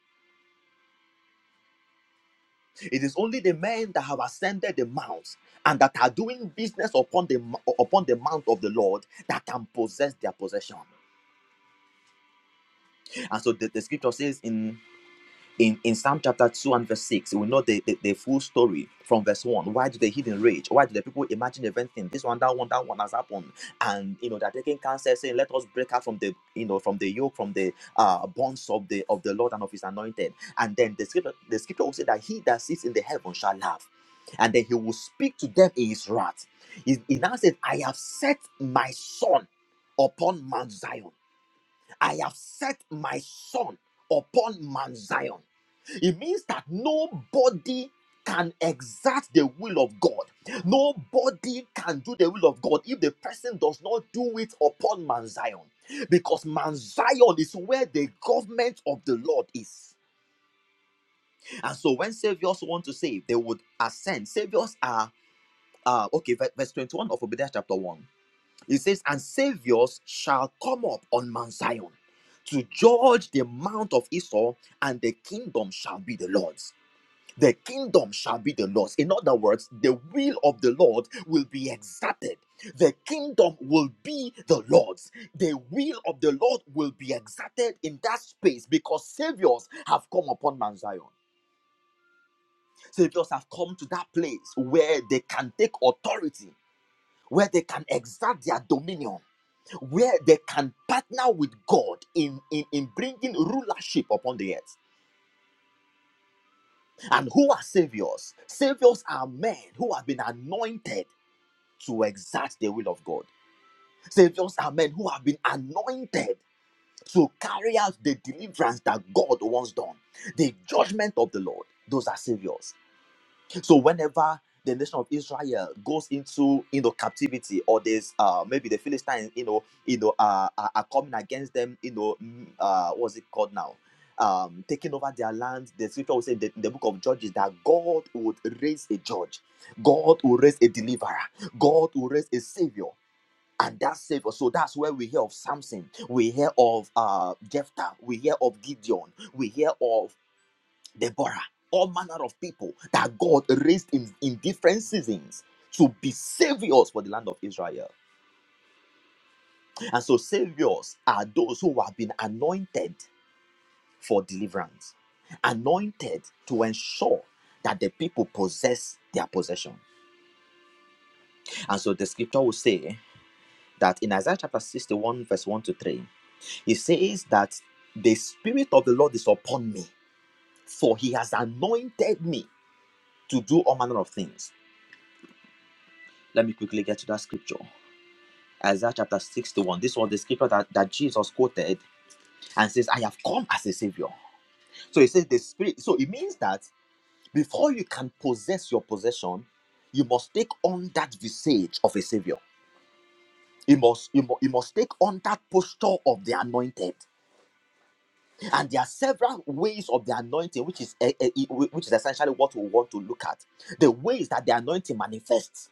Speaker 3: It is only the men that have ascended the mounts and that are doing business upon the upon the mount of the Lord that can possess their possession. And so the, the scripture says in in, in Psalm chapter 2 and verse 6, we know the, the, the full story from verse 1. Why do they the in rage? Why do the people imagine everything? This one, that one, that one has happened. And you know, they're taking counsel saying, Let us break out from the you know from the yoke, from the uh bonds of the of the Lord and of his anointed. And then the scripture the scripture will say that he that sits in the heaven shall laugh. And then he will speak to them in his wrath. He, he now says, I have set my son upon Mount Zion. I have set my son upon Mount Zion. It means that nobody can exert the will of God. Nobody can do the will of God if the person does not do it upon Mount Zion. Because Mount Zion is where the government of the Lord is. And so when saviors want to save, they would ascend. Saviors are, uh, okay, ve- verse 21 of Obadiah chapter 1. It says, And saviors shall come up on Mount Zion to judge the mount of Esau, and the kingdom shall be the Lord's the kingdom shall be the Lord's. In other words, the will of the Lord will be exacted. The kingdom will be the Lord's. The will of the Lord will be exacted in that space because saviors have come upon Mount Zion. Saviors have come to that place where they can take authority, where they can exert their dominion, where they can partner with God in, in, in bringing rulership upon the earth. And who are saviors? Saviors are men who have been anointed to exert the will of God. Saviors are men who have been anointed to carry out the deliverance that God wants done, the judgment of the Lord. Those are saviors. So whenever the nation of Israel goes into you know captivity, or there's uh maybe the Philistines you know you know uh, are, are coming against them you know mm, uh what's it called now um taking over their land. The scripture will say in the, in the book of Judges that God would raise a judge, God will raise a deliverer, God will raise a savior and that saved us. So that's where we hear of Samson, we hear of uh, Jephthah, we hear of Gideon, we hear of Deborah, all manner of people that God raised in, in different seasons to be saviors for the land of Israel. And so, saviors are those who have been anointed for deliverance, anointed to ensure that the people possess their possession. And so, the scripture will say that in Isaiah chapter 61, verse 1 to 3 He says that the Spirit of the Lord is upon me, for he has anointed me to do all manner of things. Let me quickly get to that scripture. Isaiah chapter 61. This was the scripture that, that Jesus quoted and says, I have come as a savior. So he says the spirit. So it means that before you can possess your possession, you must take on that visage of a savior. You must, you must, you must take on that posture of the anointed. and there are several ways of the anointing which is eh, eh, eh, which is essentially what we want to look at the ways that the anointing manifests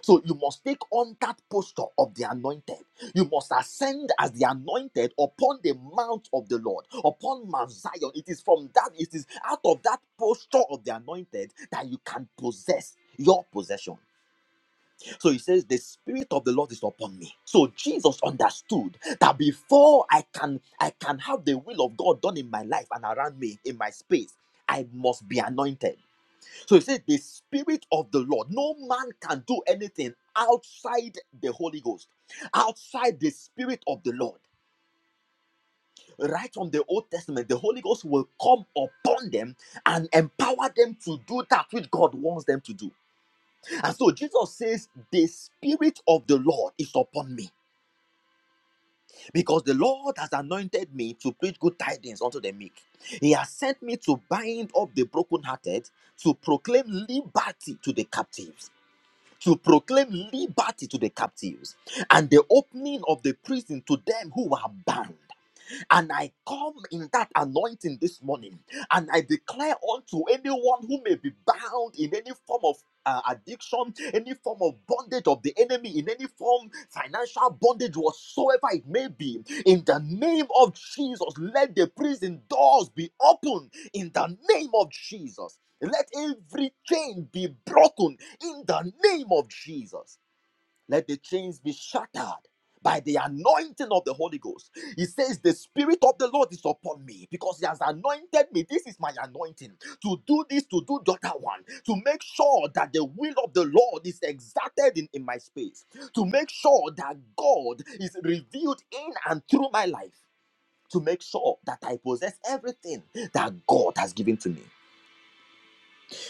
Speaker 3: so you must take on that posture of the anointed. You must ascend as the anointed upon the mount of the Lord, upon Mount Zion. It is from that, it is out of that posture of the anointed that you can possess your possession. So he says, The Spirit of the Lord is upon me. So Jesus understood that before I can I can have the will of God done in my life and around me in my space, I must be anointed. So he said, The Spirit of the Lord, no man can do anything outside the Holy Ghost, outside the Spirit of the Lord. Right from the Old Testament, the Holy Ghost will come upon them and empower them to do that which God wants them to do. And so Jesus says, The Spirit of the Lord is upon me, because the Lord has anointed me to preach good tidings unto the meek. He has sent me to bind up the brokenhearted, to proclaim liberty to the captives, to proclaim liberty to the captives, and the opening of the prison to them who are bound. And I come in that anointing this morning and I declare unto anyone who may be bound in any form of uh, addiction, any form of bondage of the enemy, in any form, financial bondage whatsoever it may be, in the name of Jesus, let the prison doors be opened in the name of Jesus. Let every chain be broken in the name of Jesus. Let the chains be shattered by the anointing of the Holy Ghost. He says, The Spirit of the Lord is upon me because He has anointed me. This is my anointing to do this, to do the other one, to make sure that the will of the Lord is exerted in, in my space, to make sure that God is revealed in and through my life, to make sure that I possess everything that God has given to me.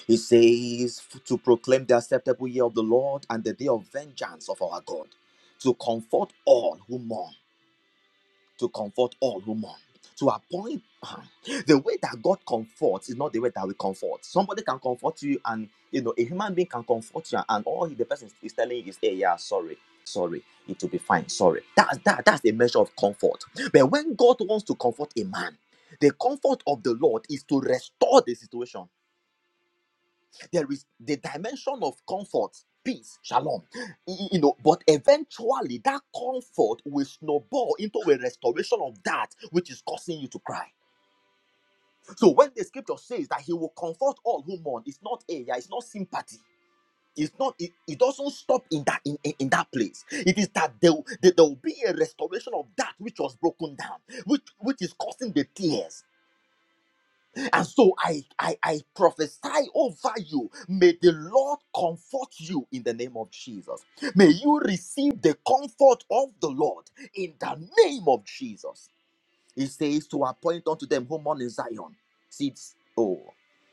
Speaker 3: He says to proclaim the acceptable year of the Lord and the day of vengeance of our God, to comfort all who mourn, to comfort all who mourn, to appoint. um, The way that God comforts is not the way that we comfort. Somebody can comfort you, and you know a human being can comfort you, and all the person is telling you is, "Hey, yeah, sorry, sorry, it will be fine, sorry." That, that that's a measure of comfort. But when God wants to comfort a man, the comfort of the Lord is to restore the situation there is the dimension of comfort peace shalom Y- you know but eventually that comfort will snowball into a restoration of that which is causing you to cry so when the scripture says that he will comfort all who mourn it's not area it's not sympathy it's not it, it doesn't stop in that in, in, in that place it is that there, will- there there will be a restoration of that which was broken down which which is causing the tears and so I, I, I prophesy over you. May the Lord comfort you in the name of Jesus. May you receive the comfort of the Lord in the name of Jesus. He says to appoint unto them who mourn in Zion. Seeds. Oh.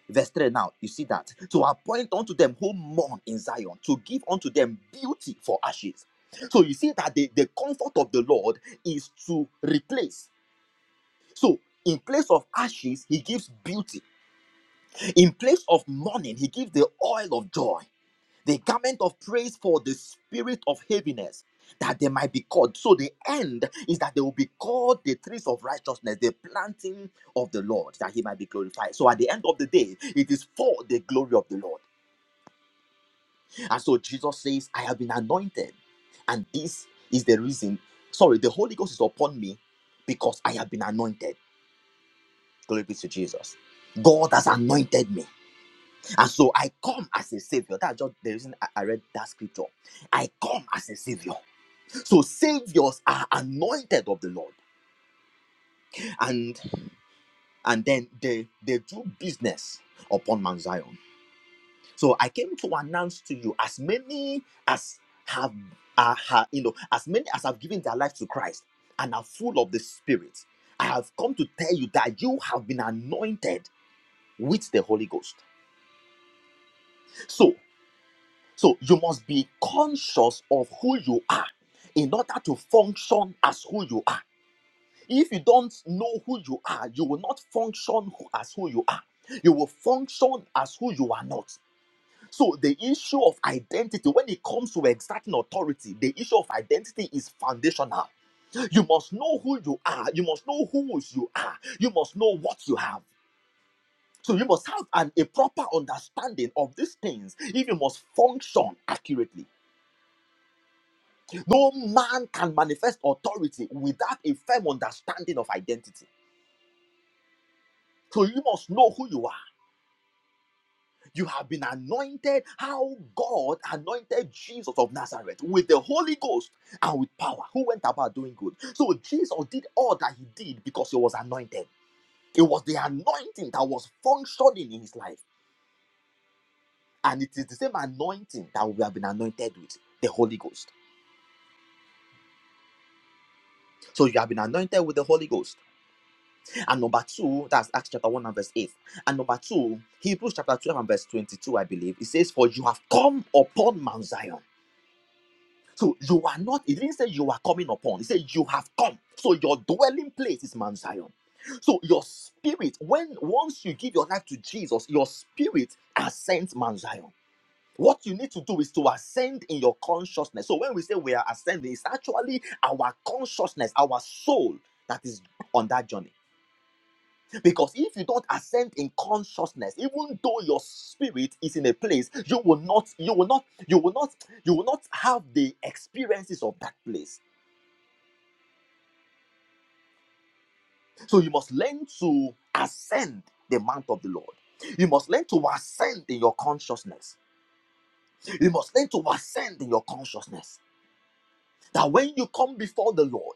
Speaker 3: Verse 3 now, you see that. To appoint unto them who mourn in Zion, to give unto them beauty for ashes. So you see that the, the comfort of the Lord is to replace. So in place of ashes, he gives beauty in place of mourning, he gives the oil of joy, the garment of praise for the spirit of heaviness, that they might be called. So the end is that they will be called the trees of righteousness, the planting of the Lord, that he might be glorified. So at the end of the day, it is for the glory of the Lord. And so Jesus says, I have been anointed. And this is the reason, sorry, the Holy Ghost is upon me because I have been anointed. Glory be to Jesus. God has anointed me. And so I come as a savior. That's just the reason I I read that scripture. I come as a savior. So saviors are anointed of the Lord. And and then they they do business upon Mount Zion. So I came to announce to you as many as have uh, ha- you know, as many as have given their life to Christ and are full of the Spirit. I have come to tell you that you have been anointed with the Holy Ghost. So. So you must be conscious of who you are in order to function as who you are. If you don't know who you are, you will not function who- as who you are. You will function as who you are not. So the issue of identity, when it comes to exerting authority, the issue of identity is foundational. You must know who you are. You must know whose you are. You must know what you have. So you must have an, a proper understanding of these things if you must function accurately. No man can manifest authority without a firm understanding of identity. So you must know who you are. You have been anointed how God anointed Jesus of Nazareth with the Holy Ghost and with power, who went about doing good. So Jesus did all that he did because he was anointed. It was the anointing that was functioning in his life. And it is the same anointing that we have been anointed with the Holy Ghost. So you have been anointed with the Holy Ghost. And number two, that's Acts chapter 1 and verse 8. And number two, Hebrews chapter 12 and verse 22, I believe, it says, For you have come upon Mount Zion. So you are not, it didn't say you are coming upon, it said you have come. So your dwelling place is Mount Zion. So your spirit, when once you give your life to Jesus, your spirit ascends Mount Zion. What you need to do is to ascend in your consciousness. So when we say we are ascending, it's actually our consciousness, our soul that is on that journey. Because if you don't ascend in consciousness, even though your spirit is in a place, you will not, you will not, you will not, you will not have the experiences of that place. So you must learn to ascend the mount of the Lord. You must learn to ascend in your consciousness. You must learn to ascend in your consciousness. That when you come before the Lord,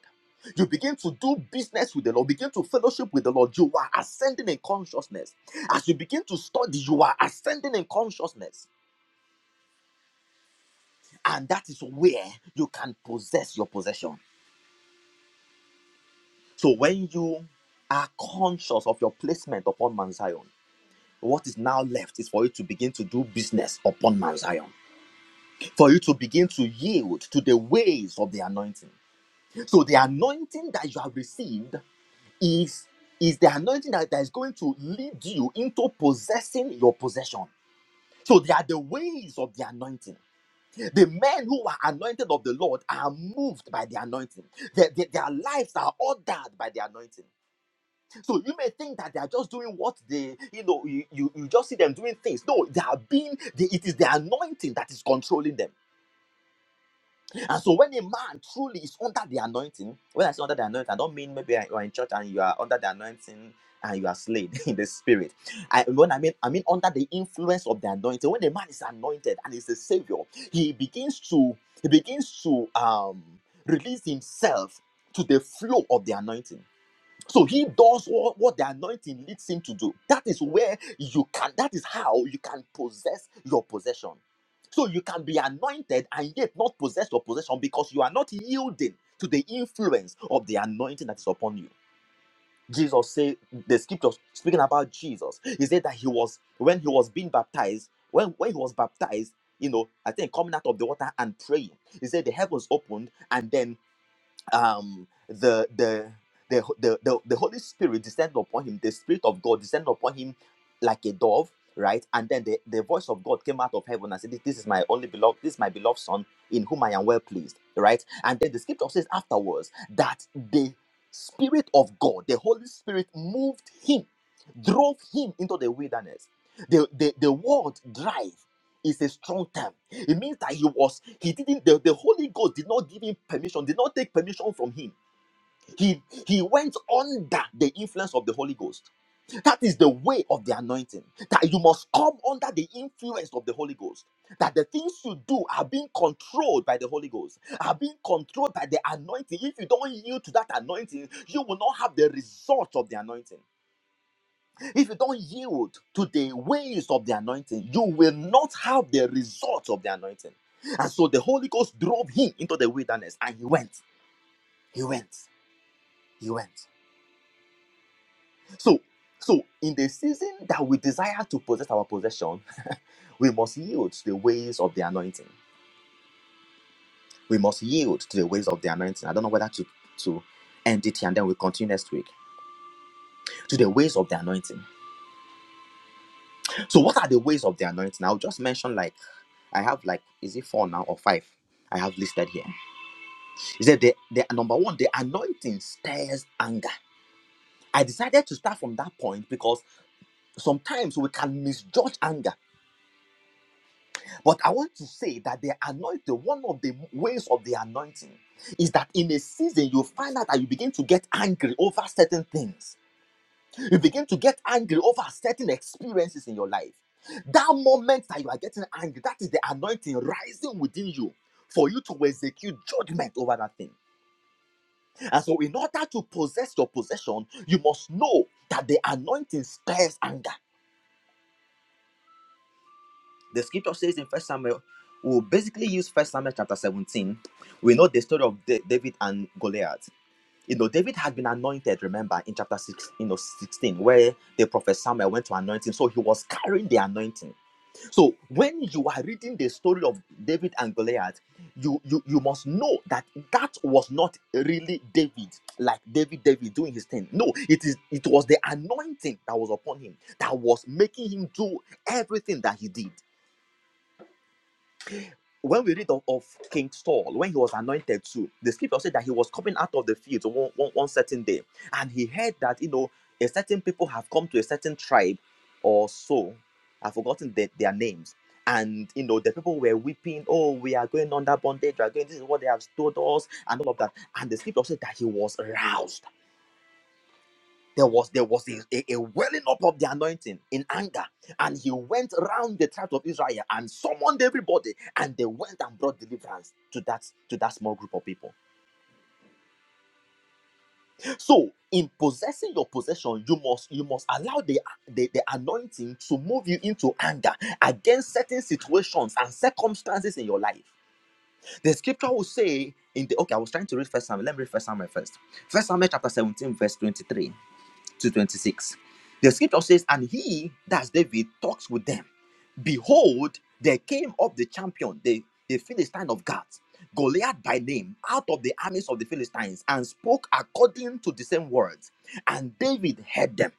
Speaker 3: you begin to do business with the Lord, begin to fellowship with the Lord. You are ascending in consciousness. As you begin to study, you are ascending in consciousness. And that is where you can possess your possession. So when you are conscious of your placement upon Mount Zion, what is now left is for you to begin to do business upon Mount Zion, for you to begin to yield to the ways of the anointing. So the anointing that you have received is, is the anointing that that is going to lead you into possessing your possession. So there are the ways of the anointing. The men who are anointed of the Lord are moved by the anointing. Their, their, their lives are ordered by the anointing. So you may think that they are just doing what they, you know, you, you, you just see them doing things. No, they are being, the, it is the anointing that is controlling them. And so when a man truly is under the anointing, when I say under the anointing, I don't mean maybe you are in church and you are under the anointing and you are slayed in the spirit. I when I mean I mean under the influence of the anointing. When the man is anointed and is a savior, he begins to he begins to um release himself to the flow of the anointing so he does what, what the anointing leads him to do. That is where you can, that is how you can possess your possession. So you can be anointed and yet not possess your possession because you are not yielding to the influence of the anointing that is upon you. Jesus said, the scripture speaking about Jesus, he said that he was, when he was being baptized, when, when he was baptized, you know, I think coming out of the water and praying, he said the heavens opened and then um the the the, the, the, the Holy Spirit descended upon him, the Spirit of God descended upon him like a dove, right? And then the, the voice of God came out of heaven and said, This this is my only beloved, this is my beloved son in whom I am well pleased, right? And then the scripture says afterwards that the Spirit of God, the Holy Spirit moved him, drove him into the wilderness. The, the, the word drive is a strong term it means that he was, he didn't, the, the Holy Ghost did not give him permission, did not take permission from him. He he went under the influence of the Holy Ghost. That is the way of the anointing. That you must come under the influence of the Holy Ghost. That the things you do are being controlled by the Holy Ghost, are being controlled by the anointing. If you don't yield to that anointing, you will not have the result of the anointing. If you don't yield to the ways of the anointing, you will not have the results of the anointing. And so the Holy Ghost drove him into the wilderness and he went. He went. He went. So, so in the season that we desire to possess our possession, we must yield to the ways of the anointing. We must yield to the ways of the anointing. I don't know whether to, to end it here and then we continue next week. To the ways of the anointing So, what are the ways of the anointing? I'll just mention like I have like is it four now or five? I have listed here. He said the, the number one, the anointing stirs anger. I decided to start from that point because sometimes we can misjudge anger. But I want to say that the anointing, one of the ways of the anointing, is that in a season you find out that you begin to get angry over certain things. You begin to get angry over certain experiences in your life. That moment that you are getting angry, that is the anointing rising within you for you to execute judgment over that thing. And so, in order to possess your possession, you must know that the anointing spares anger. The scripture says in First Samuel, we'll basically use First Samuel chapter 17. We know the story of Da- David and Goliath. You know, David had been anointed, remember, in chapter 6, you know, 16, where the prophet Samuel went to anoint him. So he was carrying the anointing. So when you are reading the story of David and Goliath, you you you must know that that was not really David, like David David doing his thing. No, it is it was the anointing that was upon him that was making him do everything that he did when we read of, of King Saul, when he was anointed too, the scripture said that he was coming out of the field one, one, one certain day, and he heard that you know a certain people have come to a certain tribe or so. I've forgotten the, their names. And you know, the people were weeping, oh, we are going under bondage, we are going, this is what they have told us, and all of that. And the scripture said that he was roused there was there was a, a, a welling up of the anointing in anger and he went round the tribe of israel and summoned everybody and they went and brought deliverance to that to that small group of people so in possessing your possession you must you must allow the the, the anointing to move you into anger against certain situations and circumstances in your life the scripture will say in the okay i was trying to read first samuel let me read first samuel first first samuel chapter 17 verse 23 to 26. The scripture says, And he, that's David, talks with them. Behold, there came up the champion, the, the Philistine of Gath, Goliath by name, out of the armies of the Philistines, and spoke according to the same words. And David heard them.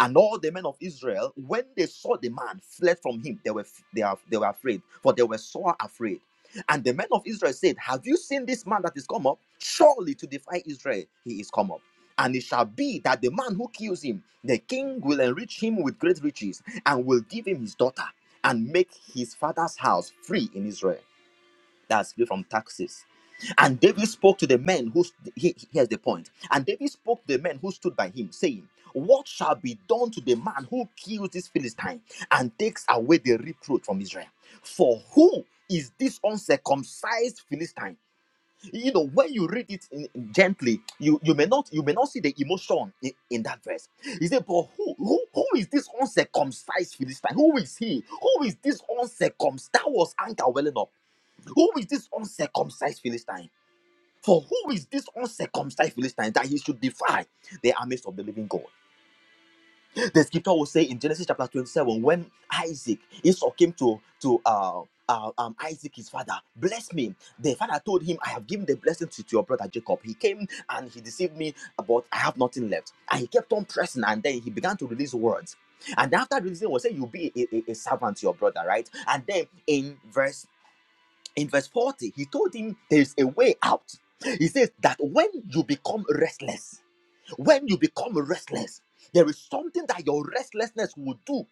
Speaker 3: And all the men of Israel, when they saw the man, fled from him. They were they, are, they were afraid, for they were sore afraid. And the men of Israel said, Have you seen this man that is come up? Surely to defy Israel he is come up. And it shall be that the man who kills him, the king will enrich him with great riches and will give him his daughter and make his father's house free in Israel that's free from taxes. And David spoke to the men who, he, here's the point. And David spoke to the men who stood by him, saying, What shall be done to the man who kills this Philistine and takes away the reproach from Israel? For who is this uncircumcised Philistine? You know, when you read it in- in gently, you, you may not you may not see the emotion in, in that verse. He said, But who, who who is this uncircumcised Philistine? Who is he? Who is this uncircumcised? That was anger welling up who is this uncircumcised Philistine? For who is this uncircumcised Philistine that he should defy the armies of the living God? The scripture will say in Genesis chapter 27, when Isaac, Esau came to, to uh, uh, um, Isaac, his father, bless me. The father told him, I have given the blessing to, to your brother Jacob. He came and he deceived me, but I have nothing left. And he kept on pressing, and then he began to release words. And after releasing, was saying, You'll be a, a, a servant to your brother, right? And then in verse in verse 40, he told him there is a way out. He says that when you become restless, when you become restless, there is something that your restlessness will do,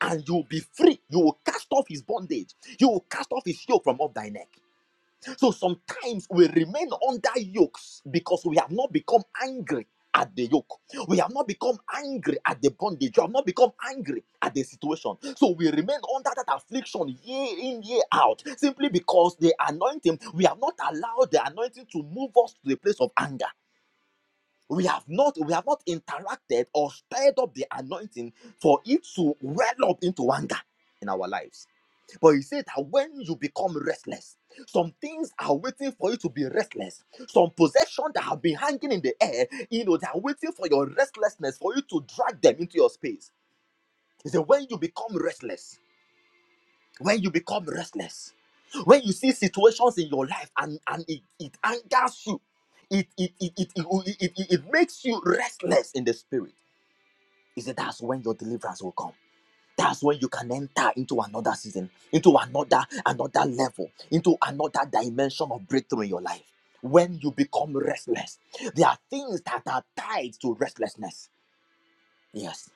Speaker 3: and you'll be free. You will cast off his bondage, you will cast off his yoke from off thy neck. So sometimes we remain under yokes because we have not become angry at the yoke. We have not become angry at the bondage. We have not become angry at the situation. So we remain under that affliction year in, year out, simply because the anointing, we have not allowed the anointing to move us to the place of anger we have not we have not interacted or stirred up the anointing for it to well up into anger in our lives but he said that when you become restless, some things are waiting for you to be restless. Some possessions that have been hanging in the air, you know, they are waiting for your restlessness for you to drag them into your space. He said, when you become restless, when you become restless when you see situations in your life and and it, it angers you it it, it it it it it it makes you restless in the spirit he said that's when your deliverance will come that's when you can enter into another season into another another level into another dimension of breakthrough in your life when you become restless there are things that are tied to restlessness yes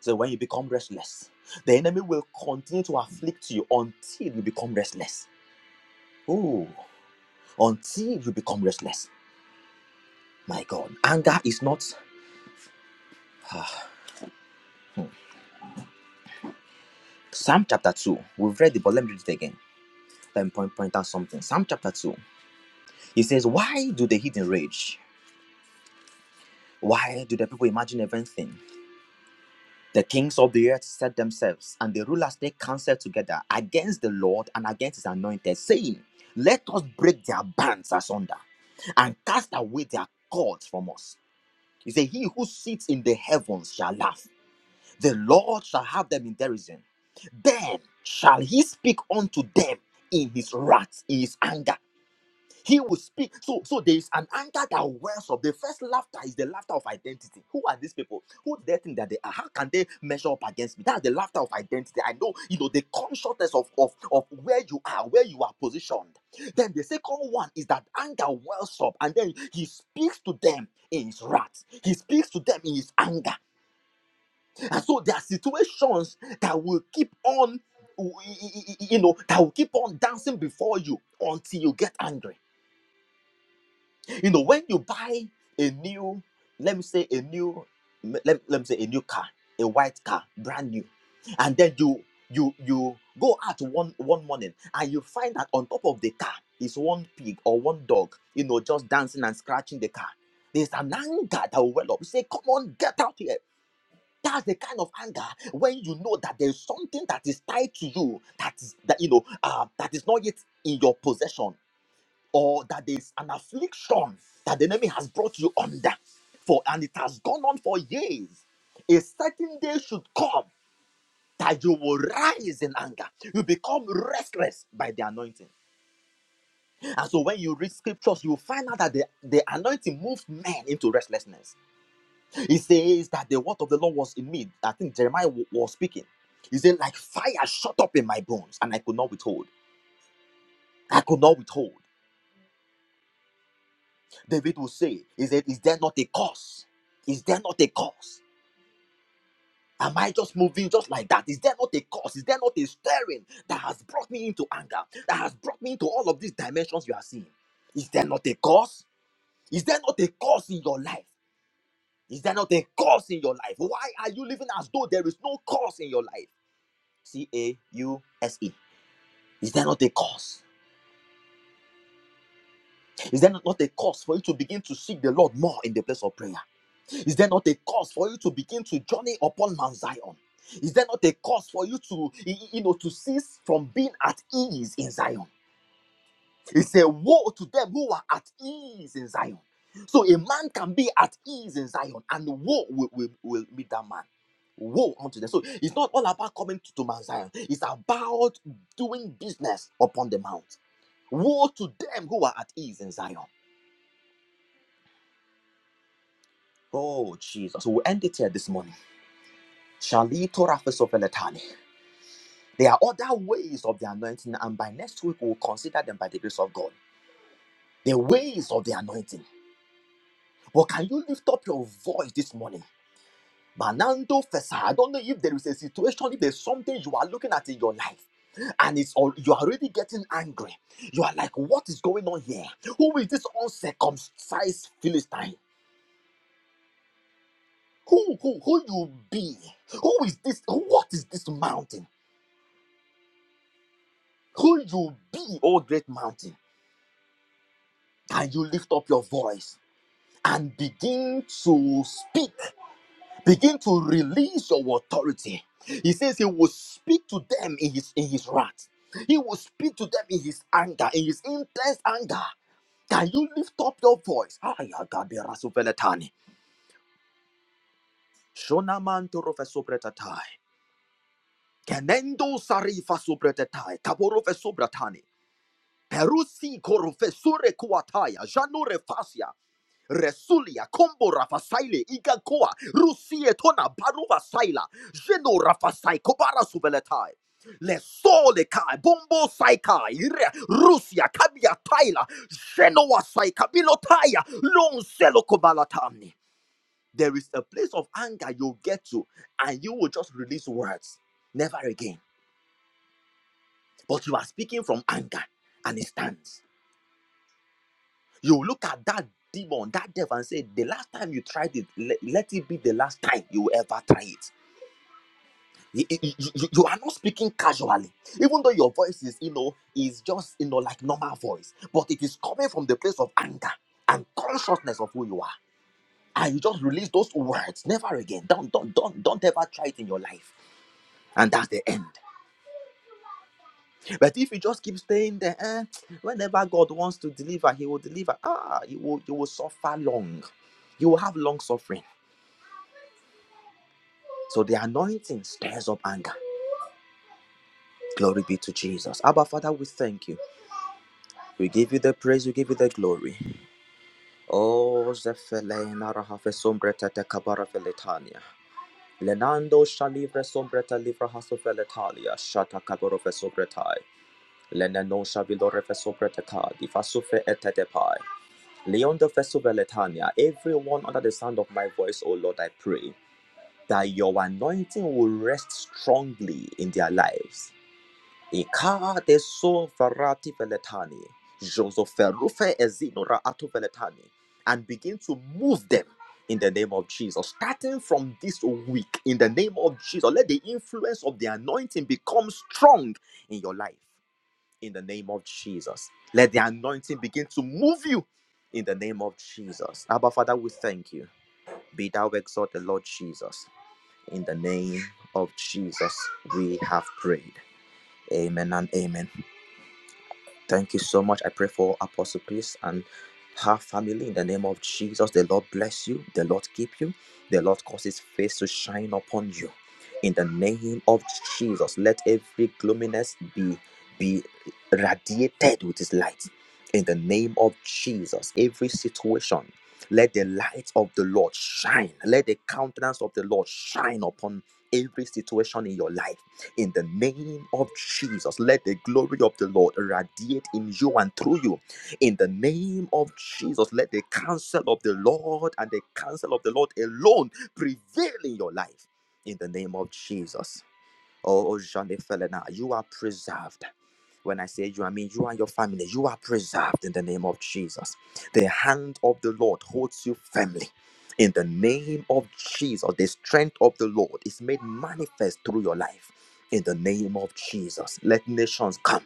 Speaker 3: so when you become restless the enemy will continue to afflict you until you become restless oh until you become restless. My God, anger is not. Ah, Hmm. Psalm chapter 2. We've read it, but let me read it again. Let me point, point out something. Psalm chapter 2. It says, Why do the heathen rage? Why do the people imagine everything? The kings of the earth set themselves, and the rulers take counsel together against the Lord and against his anointed, saying, Let us break their bands asunder and cast away their cords from us. He said, He who sits in the heavens shall laugh. The Lord shall have them in derision. Then shall he speak unto them in his wrath, in his anger. He will speak. So, so there is an anger that wells up. The first laughter is the laughter of identity. Who are these people? Who do they think that they are? How can they measure up against me? That's the laughter of identity. I know, you know, the consciousness of, of, of where you are, where you are positioned. Then the second one is that anger wells up, and then he speaks to them in his wrath. He speaks to them in his anger. And so there are situations that will keep on, you know, that will keep on dancing before you until you get angry. You know, when you buy a new, let me say a new, let, let me say a new car, a white car, brand new, and then you you you go out one one morning and you find that on top of the car is one pig or one dog, you know, just dancing and scratching the car. There's an anger that will well up. You say, come on, get out here that's the kind of anger when you know that there is something that is tied to you that is that you know uh, that is not yet in your possession, or that there is an affliction that the enemy has brought you under for, and it has gone on for years. A certain day should come that you will rise in anger. You become restless by the anointing. And so when you read scriptures, you find out that the, the anointing moves men into restlessness He says that the word of the Lord was in me. I think Jeremiah wa- was speaking. He said, like fire shot up in my bones, and I could not withhold. I could not withhold. David will say, He said, Is there not a cause? Is there not a cause? Am I just moving just like that? Is there not a cause? Is there not a stirring that has brought me into anger? That has brought me into all of these dimensions you are seeing? Is there not a cause? Is there not a cause in your life? Is there not a cause in your life? Why are you living as though there is no cause in your life? C A U S E. Is there not a cause? Is there not a cause for you to begin to seek the Lord more in the place of prayer? Is there not a cause for you to begin to journey upon Mount Zion? Is there not a cause for you to, you know, to cease from being at ease in Zion? He said, Woe to them who are at ease in Zion. So a man can be at ease in Zion, and woe will, will, will meet that man. Woe unto them. So it's not all about coming to, to Mount Zion, it's about doing business upon the mount. Woe to them who are at ease in Zion. Oh, Jesus. So we'll end it here this morning. Shalito Rafisofeletani. There are other ways of the anointing, and by next week we'll consider them by the grace of God. The ways of the anointing. But can you lift up your voice this morning? Manando Fesa. I don't know if there is a situation, if there's something you are looking at in your life and it's all you are already getting angry. You are like, what is going on here? Who is this uncircumcised Philistine? Who who who you be? Who is this? who- What is this mountain? Who you be, O great mountain? Can you lift up your voice and begin to speak? begin to release your authority. He says he will speak to them in his in his wrath. He will speak to them in his anger, in his intense anger. Can you lift up your voice? Aya gabera suveletani. Shona mantoro fesobretatai. Kenendo sarifa sobretetai. Kaboro fesobretani. Perusi koro kuataya. Janure fasia. Resulia, Combo Rafasaile, Igakoa, Rusie Baruva Saila, Geno Rafasai, Kobara Suveletai. Le sole kai, bombo saikai, ire, Rusia, Kabia Taila, Genoa Saika, Bilotaya, Long Selo Kobalatani. There is a place of anger you'll get to, and you will just release words. Never again. But you are speaking from anger, and it stands You look at that demon, that devil, and say, The last time you tried it, let, let it be the last time you will ever try it. You, you- you- you- are not speaking casually, even though your voice is, you know, is just, you know, like normal voice, but it is coming from the place of anger and consciousness of who you are. And you just release those words. Never again. Don't, don't, don't, don't ever try it in your life. And that's the end. But if you just keep staying there, eh, whenever God wants to deliver, He will deliver. Ah, you will, you will suffer long. You will have long suffering So the anointing stirs up anger. Glory be to Jesus. Abba, Father, we thank you. We give you the praise, we give you the glory. Oh, Zephele narahafe sombreta te kabara feletania. Lenando shalivre sombreta livra haso Shata kaboro sobretai. Lenano shavilore fe sobreta kadi. Fasufe etete Everyone under the sound of my voice, O Lord, I pray that your anointing will rest strongly in their lives Ika de so farati veletani, Josoferufe ezinora atu veletani, and begin to move them in the name of Jesus. Starting from this week, in the name of Jesus, let the influence of the anointing become strong in your life, in the name of Jesus. Let the anointing begin to move you in the name of Jesus. Abba, Father, we thank you. Be thou exalted, Lord Jesus. In the name of Jesus, we have prayed. Amen and amen. Thank you so much. I pray for Apostle Peace and her family in the name of Jesus. The Lord bless you. The Lord keep you. The Lord cause his face to shine upon you. In the name of Jesus, let every gloominess be, be radiated with his light. In the name of Jesus, every situation, let the light of the Lord shine. Let the countenance of the Lord shine upon every situation in your life in the name of Jesus. Let the glory of the Lord radiate in you and through you. In the name of Jesus, let the counsel of the Lord and the counsel of the Lord alone prevail in your life. In the name of Jesus. Oh, Johnny Felena, you are preserved. When I say you, I mean you and your family. You are preserved in the name of Jesus. The hand of the Lord holds you firmly. In the name of Jesus, the strength of the Lord is made manifest through your life. In the name of Jesus, let nations come.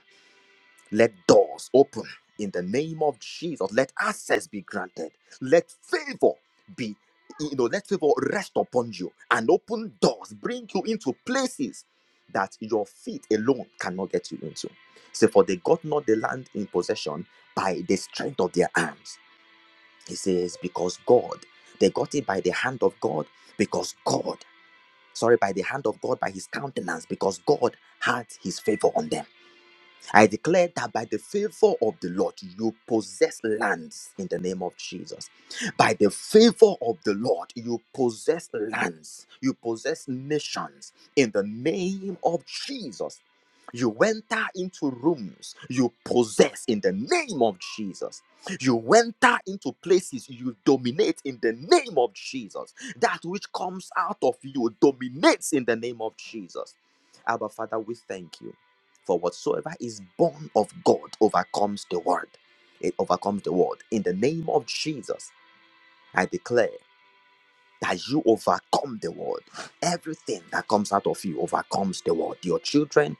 Speaker 3: Let doors open in the name of Jesus. Let access be granted. Let favor be, you know, let favor rest upon you and open doors, bring you into places that your feet alone cannot get you into. Say, for they got not the land in possession by the strength of their arms. He says, because God, they got it by the hand of God, because God, sorry, by the hand of God, by his countenance, because God had his favor on them. I declare that by the favor of the Lord, you possess lands in the name of Jesus. By the favor of the Lord, you possess lands, you possess nations in the name of Jesus. You enter into rooms you possess in the name of Jesus. You enter into places you dominate in the name of Jesus. That which comes out of you dominates in the name of Jesus. Abba, Father, we thank you. For whatsoever is born of God overcomes the world. It overcomes the world. In the name of Jesus, I declare that you overcome the world. Everything that comes out of you overcomes the world. Your children,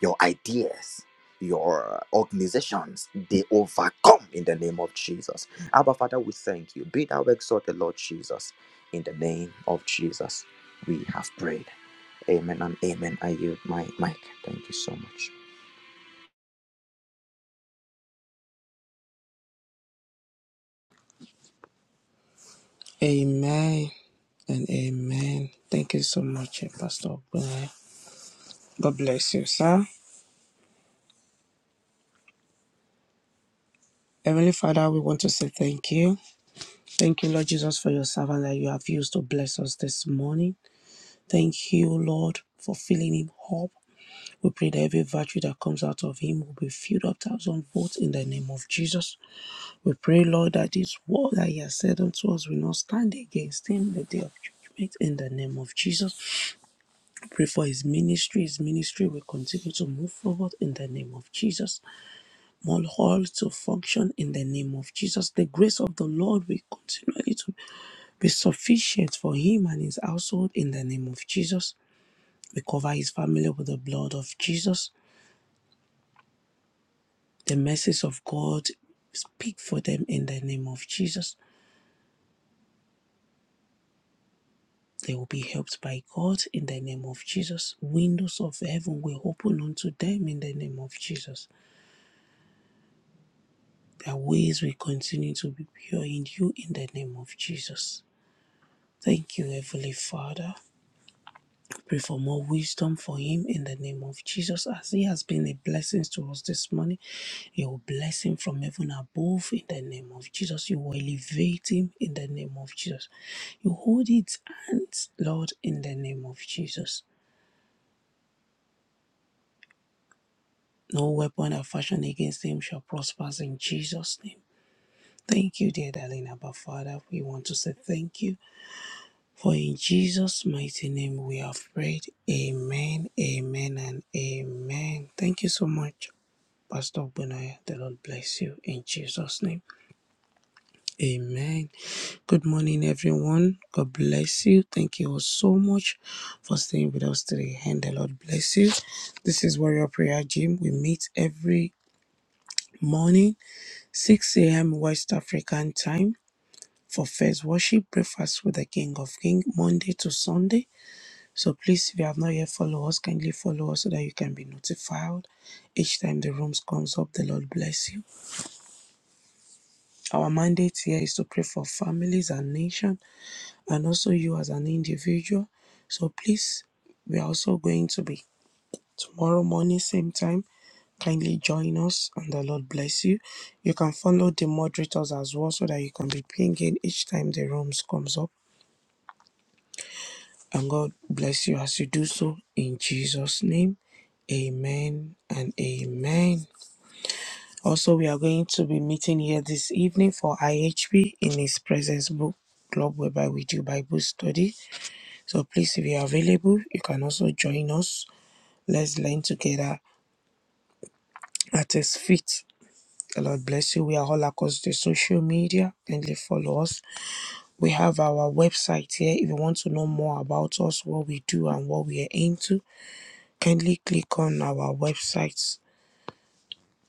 Speaker 3: your ideas, your organizations, they overcome in the name of Jesus. Abba, Father, we thank you. Be thou exalted, Lord Jesus. In the name of Jesus, we have prayed. Amen and amen. I yield my mic. Thank you so much.
Speaker 2: Amen and amen. Thank you so much, eh, Pastor Ogbonne. God bless you, sir. Heavenly Father, we want to say thank you. Thank you, Lord Jesus, for your servant that you have used to bless us this morning. Thank you, Lord, for filling him up. We pray that every virtue that comes out of him will be filled up thousandfold in the name of Jesus. We pray, Lord, that this word that he has said unto us will not stand against him in the day of judgment in the name of Jesus. Pray for his ministry. His ministry will continue to move forward in the name of Jesus. More oil to function in the name of Jesus. The grace of the Lord will continually to be sufficient for him and his household in the name of Jesus. We cover his family with the blood of Jesus. The mercies of God speak for them in the name of Jesus. They will be helped by God in the name of Jesus. Windows of heaven will open unto them in the name of Jesus. Their ways will continue to be pure in you in the name of Jesus. Thank you, Heavenly Father. Pray for more wisdom for him in the name of Jesus. As he has been a blessing to us this morning, you will bless him from heaven above in the name of Jesus. You will elevate him in the name of Jesus. You hold his hands, Lord, in the name of Jesus. No weapon or fashion against him shall prosper in Jesus' name. Thank you, dear darling Abba Father. We want to say thank you. For in Jesus' mighty name we have prayed. Amen, amen, and amen. Thank you so much, Pastor Bunaya. The Lord bless you in Jesus' name. Amen. Good morning, everyone. God bless you. Thank you all so much for staying with us today. And the Lord bless you. This is Warrior Prayer Gym. We meet every morning, 6 a.m. West African time for first worship breakfast with the King of Kings, Monday to Sunday. So please, if you have not yet followed us, kindly follow us so that you can be notified each time the rooms comes up. The Lord bless you. Our mandate here is to pray for families and nation, and also you as an individual. So please, we are also going to be tomorrow morning, same time. Kindly join us, and the Lord bless you. You can follow the moderators as well so that you can be pinging each time the rooms comes up. And God bless you as you do so in Jesus' name. Amen and amen. Also, we are going to be meeting here this evening for IHB in His Presence Book Club, whereby we do Bible study. So, please, if you are available, you can also join us. Let's learn together at His feet. The Lord bless you. We are all across the social media. Kindly follow us. We have our website here. If you want to know more about us, what we do, and what we are into, Kindly click on our website,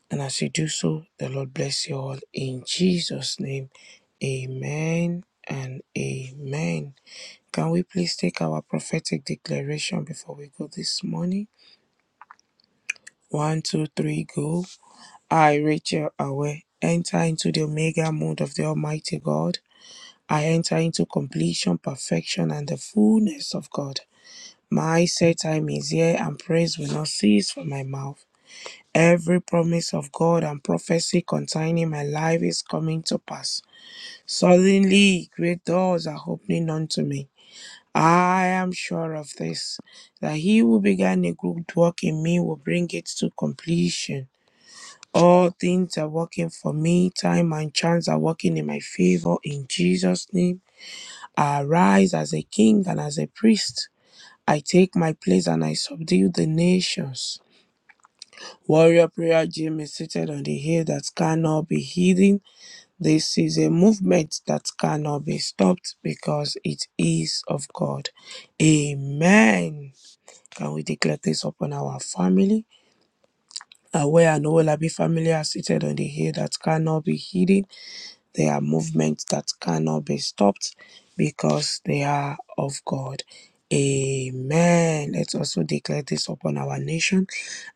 Speaker 2: and as you do so, the Lord bless you all in Jesus' name. Amen and amen. Can we please take our prophetic declaration before we go this morning? One, two, three, go. I, Rachel Awe, enter into the omega mode of the Almighty God. I enter into completion, perfection, and the fullness of God. My set time is here, and praise will not cease from my mouth. Every promise of God and prophecy concerning my life is coming to pass. Suddenly, great doors are opening unto me. I am sure of this, that he who began a good work in me will bring it to completion. All things are working for me, time and chance are working in my favor. In Jesus' name, I arise as a king and as a priest. I take my place and I subdue the nations. Warrior Prayer Gym is seated on the hill that cannot be hidden. This is a movement that cannot be stopped because it is of God. Amen. Can we declare this upon our family? Aware and Olabi family are seated on the hill that cannot be hidden. They are movements that cannot be stopped because they are of God. Amen. Let's also declare this upon our nation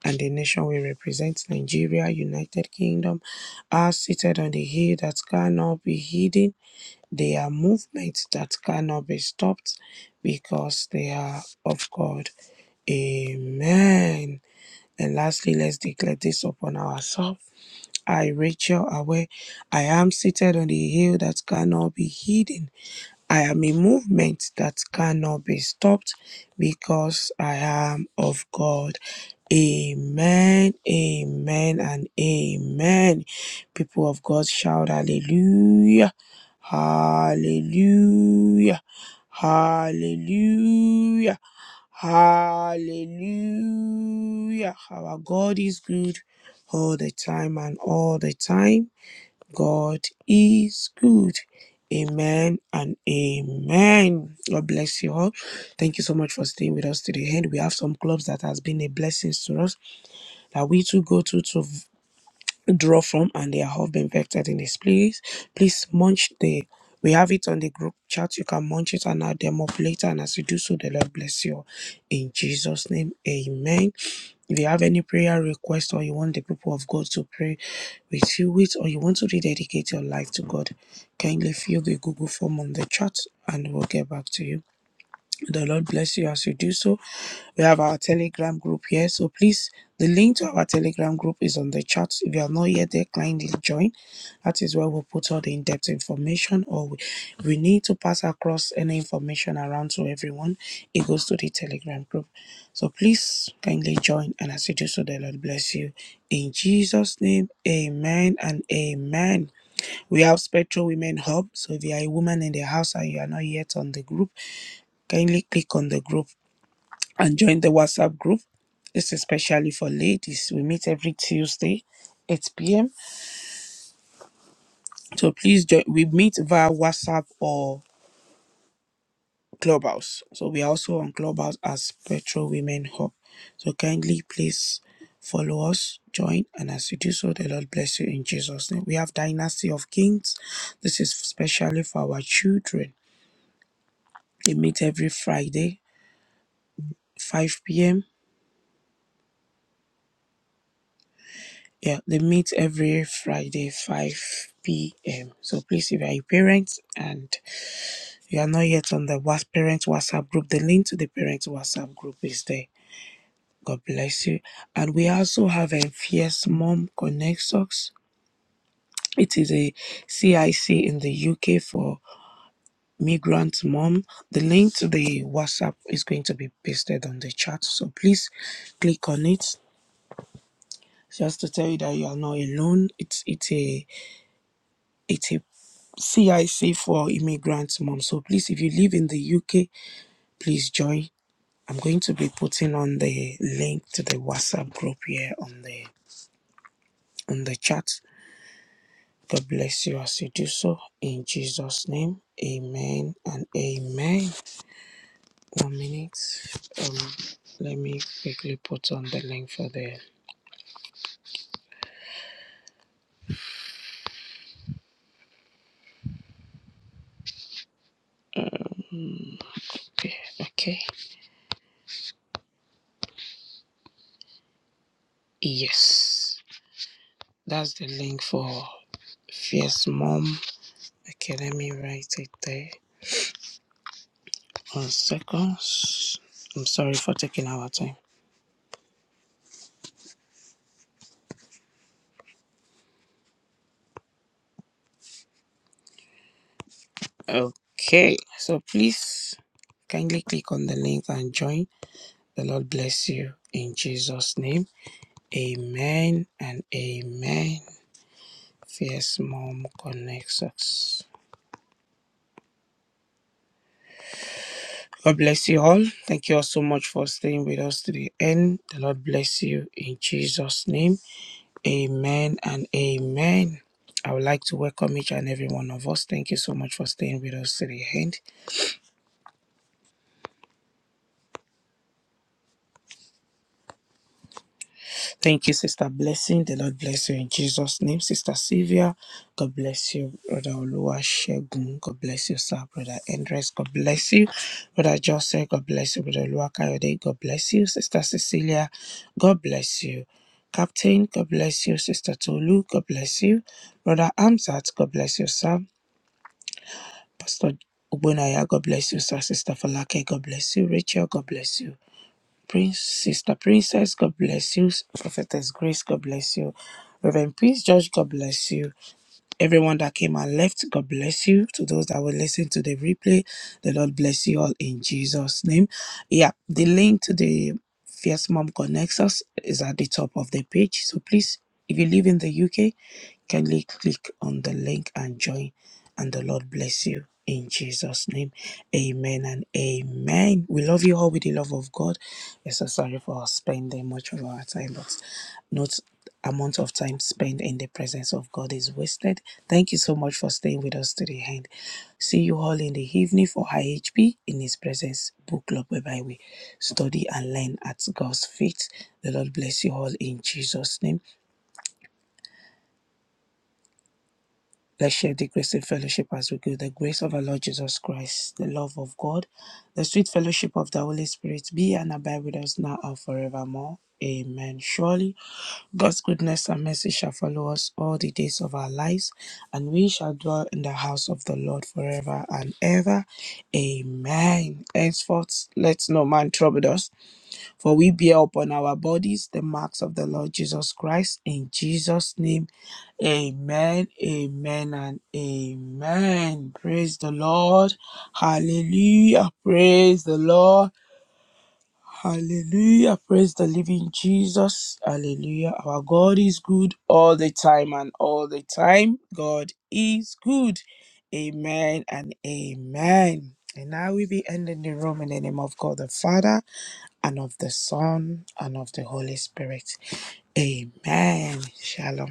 Speaker 2: and the nation we represent, Nigeria, United Kingdom, are seated on the hill that cannot be hidden. They are movements that cannot be stopped because they are of God. Amen. And lastly, let's declare this upon ourselves. I, Rachel, aware I am seated on the hill that cannot be hidden. I am a movement that cannot be stopped because I am of God. Amen, amen, and amen. People of God shout hallelujah, hallelujah, hallelujah, hallelujah. Our God is good all the time and all the time. God is good. Amen and amen. God bless you all. Thank you so much for staying with us today. the We have some clubs that has been a blessing to us that we too go to to v- draw from, and they have been vectored in this place. Please munch the. We have it on the group chat. You can munch it and add them up later. And as you do so, the Lord bless you. all. In Jesus' name, amen. If you have any prayer request or you want the people of God to pray with you with, or you want to rededicate your life to God, kindly fill the Google form on the chat and we'll get back to you. The Lord bless you as you do so. We have our Telegram group here. So please, the link to our Telegram group is on the chat. If you are not yet there, kindly join. That is where we'll put all the in depth information, or we, we need to pass across any information around to everyone. It goes to the Telegram group. So please, kindly join. And as you do so, the Lord bless you. In Jesus' name, amen and amen. We have Spectral Women Hub. So if you are a woman in the house and you are not yet on the group, kindly click on the group and join the WhatsApp group. It's especially for ladies. We meet every Tuesday, 8 p.m. So please join. We meet via WhatsApp or Clubhouse. So we are also on Clubhouse as Petrol Women Hub. So kindly please follow us, join, and as you do so, the Lord bless you in Jesus' name. We have Dynasty of Kings. This is specially for our children. They meet every Friday, 5 p.m. Yeah, they meet every Friday, 5 p.m. So please, if you are a parent and you are not yet on the Whats- parent WhatsApp group, the link to the parent WhatsApp group is there. God bless you. And we also have a Fierce Mom Connect Socks. It is a CIC in the UK for migrant mom. The link to the WhatsApp is going to be pasted on the chat. So please click on it just to tell you that you are not alone. It's it's a it's a CIC for immigrant mom. So please, if you live in the UK, please join. I'm going to be putting on the link to the WhatsApp group here on the on the chat. God bless you as you do so in Jesus' name. Amen and amen. One minute. Um, let me quickly put on the link for the yeah, okay. Yes, that's the link for fierce mom. Okay, let me write it there. One second. I'm sorry for taking our time. Okay, so please kindly click on the link and join. The Lord bless you in Jesus' name. Amen and amen. Fierce Mom connects us. God bless you all. Thank you all so much for staying with us to the end. The Lord bless you in Jesus' name. Amen and amen. I would like to welcome each and every one of us. Thank you so much for staying with us to the end. Thank you, Sister Blessing. The Lord bless you in Jesus' name. Sister Sylvia, God bless you. Brother Olua Shegun, God bless you, sir. Brother Andres, God bless you. Brother Joseph, God bless you. Brother Olua Kayode, God bless you. Sister Cecilia, God bless you. Captain, God bless you. Sister Tolu, God bless you. Brother Amzat, God bless you, sir. Pastor Ubunaya, God bless you, sir. Sister Falake, God bless you. Rachel, God bless you. Prince, Sister Princess, God bless you. Prophetess Grace, God bless you. Reverend Prince George, God bless you. Everyone that came and left, God bless you. To those that will listen to the replay, the Lord bless you all in Jesus' name. Yeah, the link to the Fierce Mom Connects Us is at the top of the page. So please, if you live in the UK, kindly click on the link and join and the Lord bless you in Jesus' name. Amen and amen. We love you all with the love of God. We're so sorry for spending much of our time, but not amount of time spent in the presence of God is wasted. Thank you so much for staying with us to the end. See you all in the evening for IHP in His Presence Book Club, whereby we study and learn at God's feet. The Lord bless you all in Jesus' name. Let's share the grace and fellowship as we go. The grace of our Lord Jesus Christ, the love of God, the sweet fellowship of the Holy Spirit be and abide with us now and forevermore. Amen. Surely God's goodness and mercy shall follow us all the days of our lives, and we shall dwell in the house of the Lord forever and ever. Amen. Henceforth, let no man trouble us for we bear upon our bodies the marks of the Lord Jesus Christ. In Jesus' name, amen, amen, and amen. Praise the Lord. Hallelujah. Praise the Lord. Hallelujah. Praise the living Jesus. Hallelujah. Our God is good all the time and all the time. God is good. Amen and amen. And now we be ending the room in the name of God the Father and of the Son, and of the Holy Spirit. Amen. Shalom.